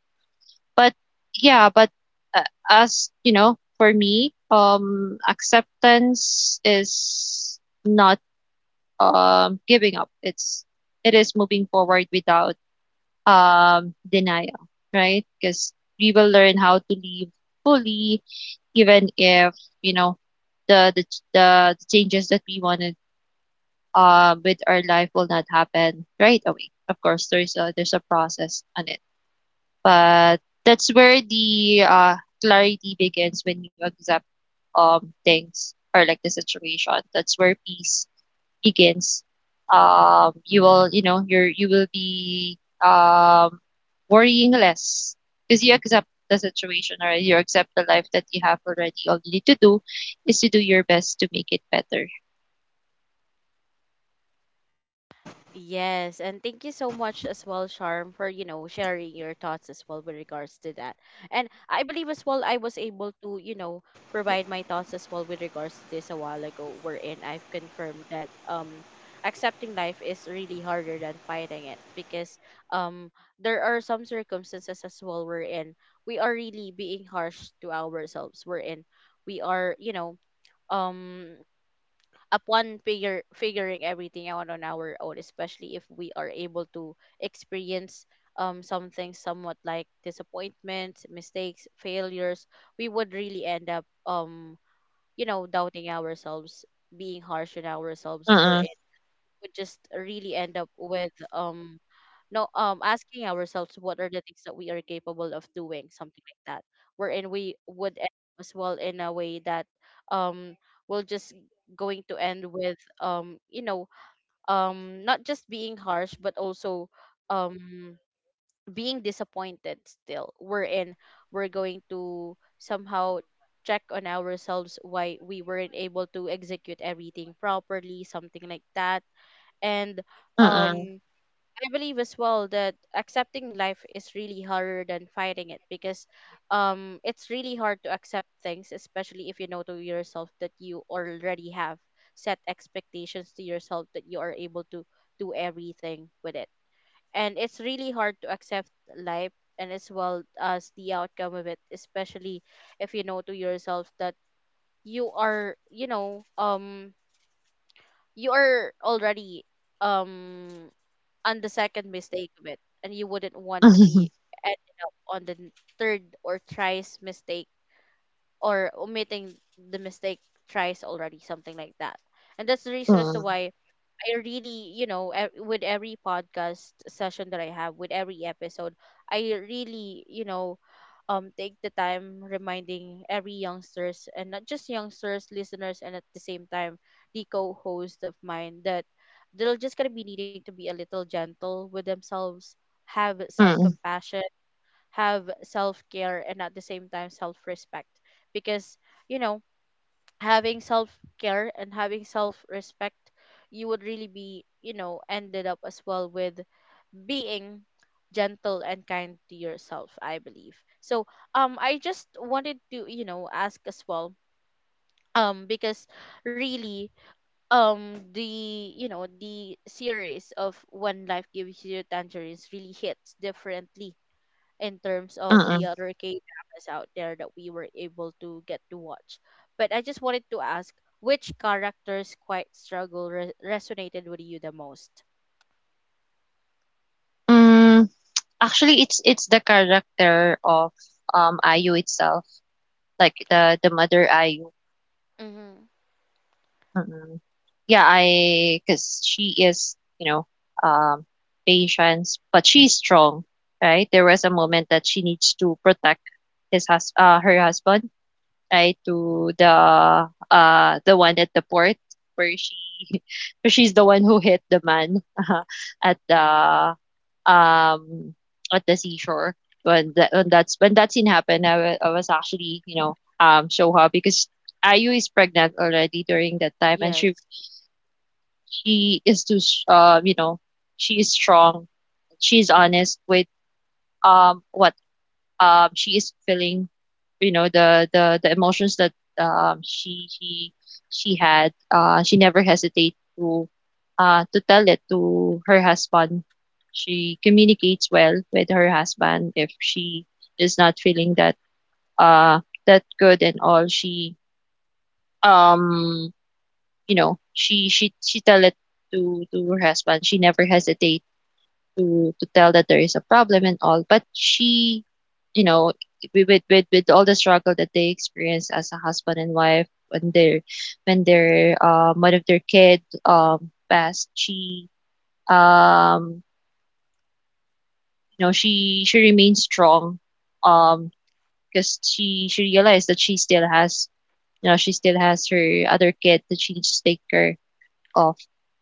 [SPEAKER 2] yeah, but, uh, as you know, for me, acceptance is not, giving up. It is moving forward without, denial, right? Because we will learn how to live fully, even if, you know the the the changes that we wanted, with our life, will not happen right away. Of course, there's a, process on it, but that's where the, clarity begins when you accept, things, or like the situation. That's where peace begins. You will, you know, you will be, um, worrying less, because you accept the situation or you accept the life that you have already. All you need to do is to do your best to make it better.
[SPEAKER 1] Yes, and thank you so much as well, Charm, for you know sharing your thoughts as well with regards to that. And I believe as well I was able to, you know, provide my thoughts as well with regards to this a while ago, wherein I've confirmed that accepting life is really harder than fighting it, because um there are some circumstances as well wherein we are really being harsh to ourselves, wherein we are, you know, um upon figure figuring everything out on our own, especially if we are able to experience something somewhat like disappointments, mistakes, failures, we would really end up, you know, doubting ourselves, being harsh on
[SPEAKER 2] Mm,
[SPEAKER 1] ourselves, where it would just really end up with no asking ourselves what are the things that we are capable of doing, something like that, wherein we would end as well in a way that um we'll just going to end with, you know, not just being harsh but also um being disappointed still, wherein we're going to somehow check on ourselves why we weren't able to execute everything properly, something like that. And
[SPEAKER 2] mm.
[SPEAKER 1] um I believe as well that accepting life is really harder than fighting it, because it's really hard to accept things, especially if you know to yourself that you already have set expectations to yourself that you are able to do everything with it. And it's really hard to accept life and as well as the outcome of it, especially if you know to yourself that you are, you know, you are already um on the second mistake of it, and you wouldn't want to be ended up on the third or thrice mistake or omitting the mistake thrice already, something like that. And that's the reason as to
[SPEAKER 2] Mm,
[SPEAKER 1] why I really, you know, with every podcast session that I have, with every episode, I really, you know, take the time reminding every youngsters and not just youngsters, listeners, and at the same time, the co-host of mine that they're just gonna be needing to be a little gentle with themselves, have
[SPEAKER 2] mm.
[SPEAKER 1] self-compassion, have self-care, and at the same time, self-respect, because you know having self care and having self respect, you would really be, you know, ended up as well with being gentle and kind to yourself, I believe. So, I just wanted to, you know, ask as well, because really, the, you know, the series of When Life Gives You Tangerines really hits differently in terms
[SPEAKER 2] (laughs)
[SPEAKER 1] of the
[SPEAKER 2] Mm.
[SPEAKER 1] other K dramas out there that we were able to get to watch. But I just wanted to ask, which character's quite struggle resonated with you the most?
[SPEAKER 2] Hmm, actually, it's the character of, Ayu itself, like the mother Ayu.
[SPEAKER 1] Mm-hmm.
[SPEAKER 2] Mm. Yeah, I. Cause she is, um, patience, but she's strong, right? There was a moment that she needs to protect his hus her husband, right, to the one at the port, where she (laughs) where she's the one who hit the man (laughs) at the um at the seashore. When that, when that's, when that scene happened, I I was actually, so happy because Ayu is pregnant already during that time, and she
[SPEAKER 1] Yes.
[SPEAKER 2] she is too s- you know she is strong. She's honest with, what, she is feeling, you know, the emotions that, um, she she she had. She never hesitate to, tell it to her husband. She communicates well with her husband if she is not feeling uh that good and all. Um she she tell it to her husband. She never hesitate to tell that there is a problem and all, but she you know wi- with with with all the struggle that they experience as a husband and wife, when their one of their kid, passed, um she remains strong, um because she realized that she still has her other kid that she needs to take care off.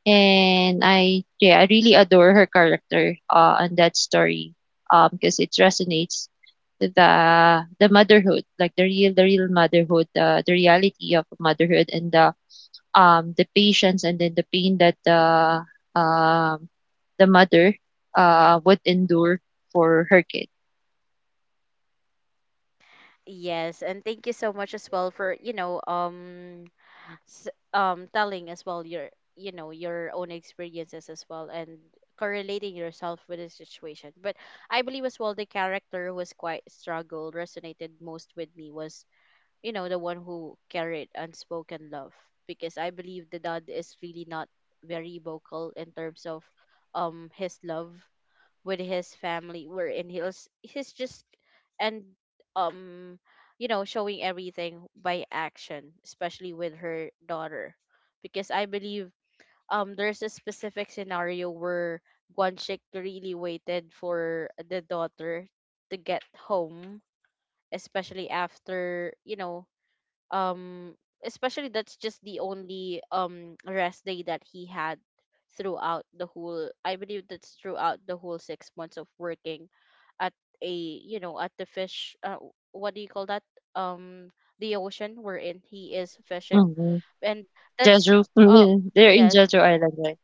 [SPEAKER 2] And I yeah, I really adore her character on that story. Because it resonates the the motherhood, like the real motherhood, the reality of motherhood, and the patience, and then the pain that um the mother would endure for her kid.
[SPEAKER 1] Yes, and thank you so much as well for, you know, telling as well your, you know, your own experiences as well and correlating yourself with the situation. But I believe as well the character who was quite struggle resonated most with me was, you know, the one who carried unspoken love, because I believe the dad is really not very vocal in terms of his love with his family, wherein he's just and um you know showing everything by action, especially with her daughter, because I believe there's a specific scenario where Guanxik really waited for the daughter to get home, especially after, you know, um especially that's just the only rest day that he had throughout the whole, I believe that's throughout the whole 6 months of working at a you know at the fish what do you call that, um the ocean wherein he is fishing.
[SPEAKER 2] Mm-mm.
[SPEAKER 1] And that's
[SPEAKER 2] Jeju.
[SPEAKER 1] uh
[SPEAKER 2] (laughs) They're in
[SPEAKER 1] yes.
[SPEAKER 2] Jeju Island, right?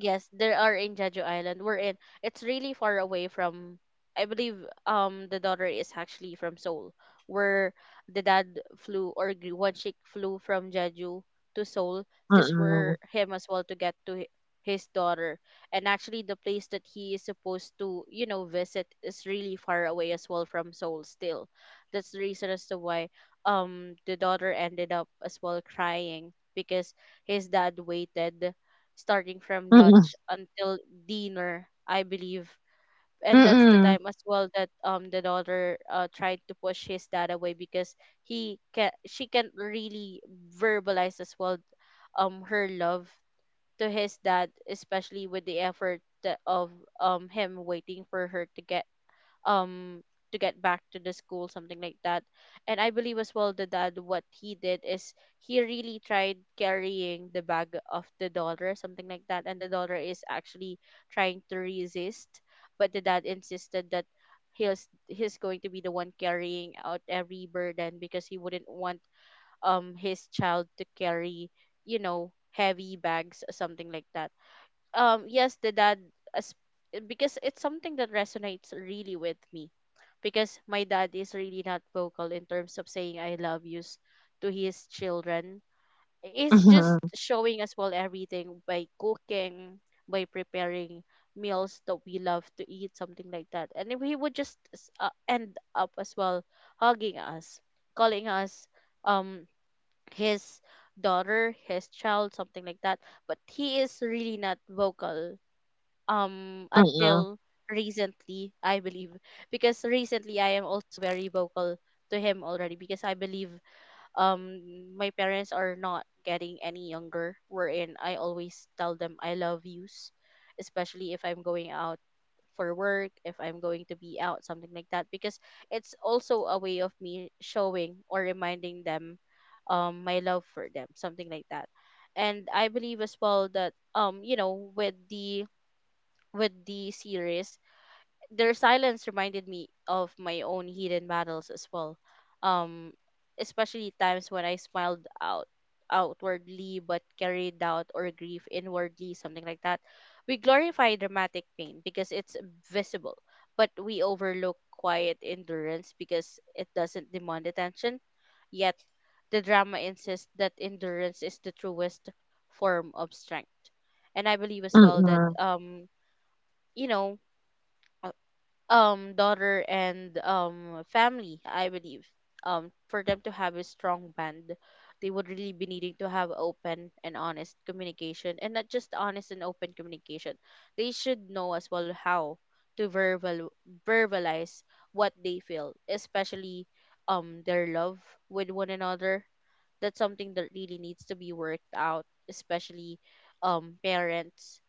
[SPEAKER 1] Yes, there are in Jeju Island. We're in. It's really far away from. I believe the daughter is actually from Seoul, where the dad flew or one chick flew from Jeju to Seoul just
[SPEAKER 2] Mm-mm.
[SPEAKER 1] for him as well to get to his daughter. And actually, the place that he is supposed to, you know, visit is really far away as well from Seoul. Still, that's the reason as to why the daughter ended up as well crying because his dad waited starting from
[SPEAKER 2] Mm-mm.
[SPEAKER 1] lunch until dinner, I believe. And that's the
[SPEAKER 2] Mm-mm.
[SPEAKER 1] time as well that the daughter tried to push his dad away because he can she can't really verbalize as well her love to his dad, especially with the effort of him waiting for her um to get back to the school, something like that. And I believe as well the dad, what he did is he really tried carrying the bag of the daughter, something like that, and the daughter is actually trying to resist, but the dad insisted that he's going to be the one carrying out every burden, because he wouldn't want his child to carry, you know, heavy bags, something like that. Yes, the dad as, because it's something that resonates really with me, because my dad is really not vocal in terms of saying I love yous to his children. It's just
[SPEAKER 2] Mm-mm.
[SPEAKER 1] showing as well everything by cooking, by preparing meals that we love to eat, something like that, and then he would just end up as well hugging us, calling us um his daughter, his child, something like that. But he is really not vocal
[SPEAKER 2] Mm-mm.
[SPEAKER 1] until recently, I believe, because recently I am also very vocal to him already, because I believe my parents are not getting any younger, wherein I always tell them I love yous, especially if I'm going out for work, if I'm going to be out, something like that, because it's also a way of me showing or reminding them my love for them, something like that. And I believe as well that, you know, with the series, their silence reminded me of my own hidden battles as well. Um, especially times when I smiled outwardly but carried doubt or grief inwardly, something like that. We glorify dramatic pain because it's visible, but we overlook quiet endurance because it doesn't demand attention. Yet, the drama insists that endurance is the truest form of strength. And I believe as well that you know uh, daughter and family, I believe for them to have a strong bond, they would really be needing to have open and honest communication, and not just honest and open communication, they should know as well how to verbalize what they feel, especially their love with one another. That's something that really needs to be worked out, especially parents.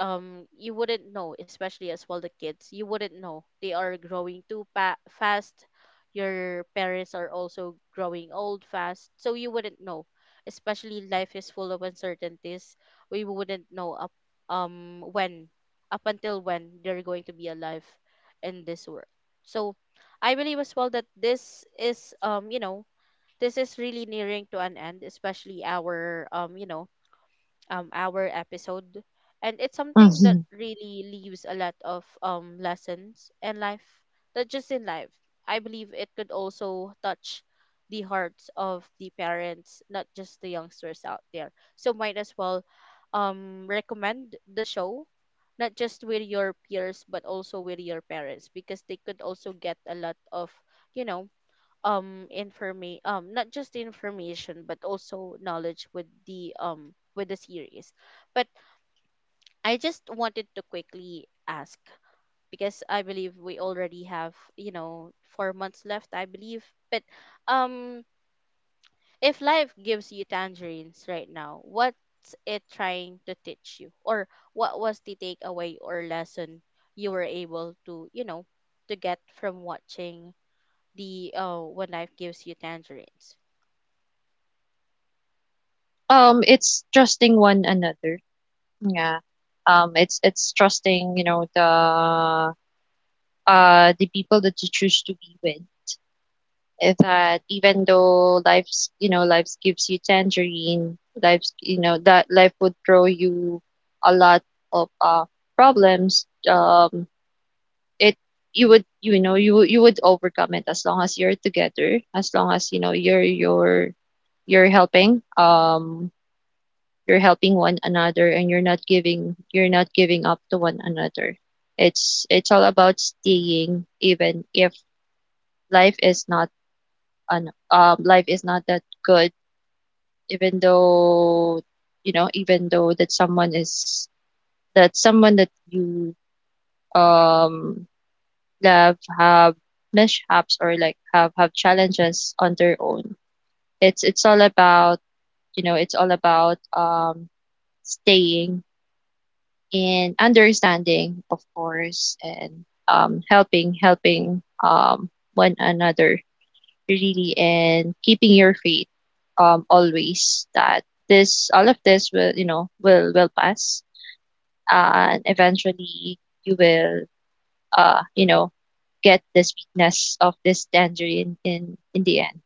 [SPEAKER 1] You wouldn't know, especially as well the kids, you wouldn't know they are growing too fast, your parents are also growing old fast, so you wouldn't know, especially life is full of uncertainties, we wouldn't know up when up until when they're going to be alive in this world. So I believe as well that this is, you know, this is really nearing to an end, especially our, you know, our episode. And it's something that
[SPEAKER 2] Mm-mm.
[SPEAKER 1] really leaves a lot of lessons in life, not just in life. I believe it could also touch the hearts of the parents, not just the youngsters out there, so might as well recommend the show, not just with your peers but also with your parents, because they could also get a lot of, you know, not just information but also knowledge with the series. But I just wanted to quickly ask, because I believe we already have, you know, 4 months left, I believe. But um if life gives you tangerines right now, what's it trying to teach you, or what was the takeaway or lesson you were able to, you know, to get from watching the When Life Gives You Tangerines?
[SPEAKER 2] It's trusting one another. Yeah. It's trusting, the people that you choose to be with. That, even though life's, life gives you tangerine, life's you know, that life would throw you a lot of problems. It You would, you would overcome it as long as you're together, as long as you're helping. You're helping one another, and you're not giving up to one another. It's all about staying, even if, life is not life is not that good, even though, even though that someone is that someone that you, um love, have mishaps, or like have challenges on their own. It's all about, you know it's all about um staying in understanding, of course, and, helping, one another, really, and keeping your faith, always, that this, all of this will, will pass, and eventually you will, uh, you know, get this weakness of this danger in the end.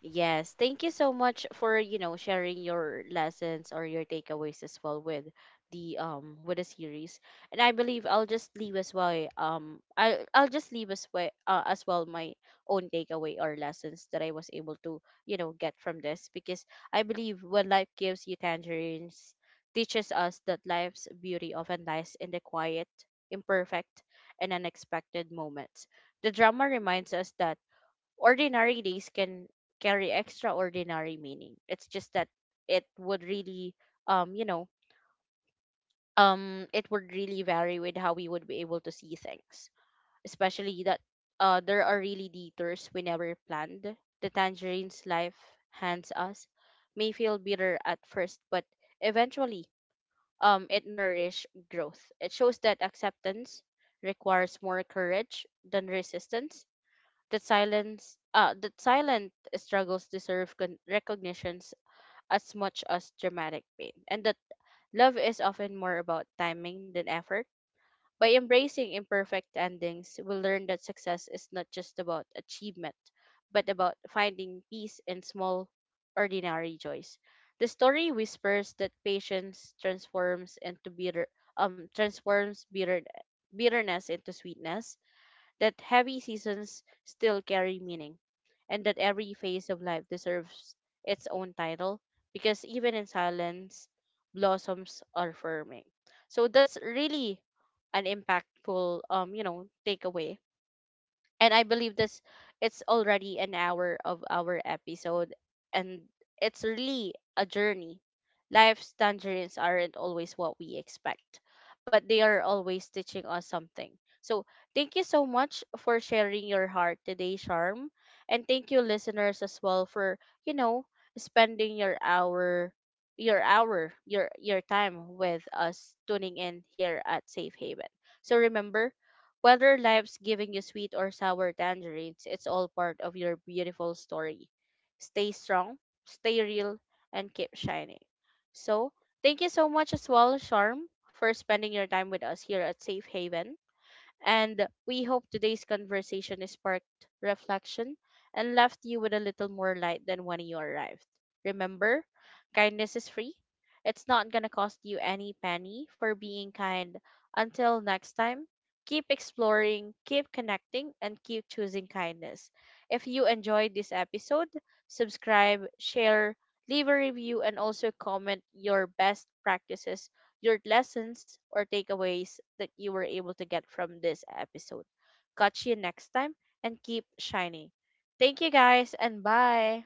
[SPEAKER 1] Yes, thank you so much for, you know, sharing your lessons or your takeaways as well with the series. And I believe I'll just leave as well my own takeaway or lessons that I was able to, you know, get from this, because I believe When Life Gives You Tangerines teaches us that life's beauty often lies in the quiet, imperfect, and unexpected moments. The drama reminds us that ordinary days can carry extraordinary meaning. It's just that it would really, you know, it would really vary with how we would be able to see things. Especially that there are really detours we never planned. The tangerines life hands us may feel bitter at first, but eventually, it nourish growth. It shows that acceptance requires more courage than resistance, that silence that silent struggles deserve recognitions as much as dramatic pain, and that love is often more about timing than effort. By embracing imperfect endings, we learn that success is not just about achievement but about finding peace in small, ordinary joys. The story whispers that patience transforms into bitter, transforms bitter bitterness into sweetness, that heavy seasons still carry meaning, and that every phase of life deserves its own title, because even in silence, blossoms are forming. So that's really an impactful, you know, takeaway. And I believe this, it's already an hour of our episode, and it's really a journey. Life's tangerines aren't always what we expect, but they are always teaching us something. So thank you so much for sharing your heart today, Charm. And thank you listeners as well for, you know, spending your hour your time with us tuning in here at Safe Haven. So remember, whether life's giving you sweet or sour tangerines, it's all part of your beautiful story. Stay strong, stay real, and keep shining. So, thank you so much as well, Charm, for spending your time with us here at Safe Haven. And we hope today's conversation has sparked reflection and left you with a little more light than when you arrived. Remember, kindness is free. It's not going to cost you any penny for being kind. Until next time, keep exploring, keep connecting, and keep choosing kindness. If you enjoyed this episode, subscribe, share, leave a review, and also comment your best practices, your lessons or takeaways that you were able to get from this episode. Catch you next time and keep shining. Thank you guys and bye.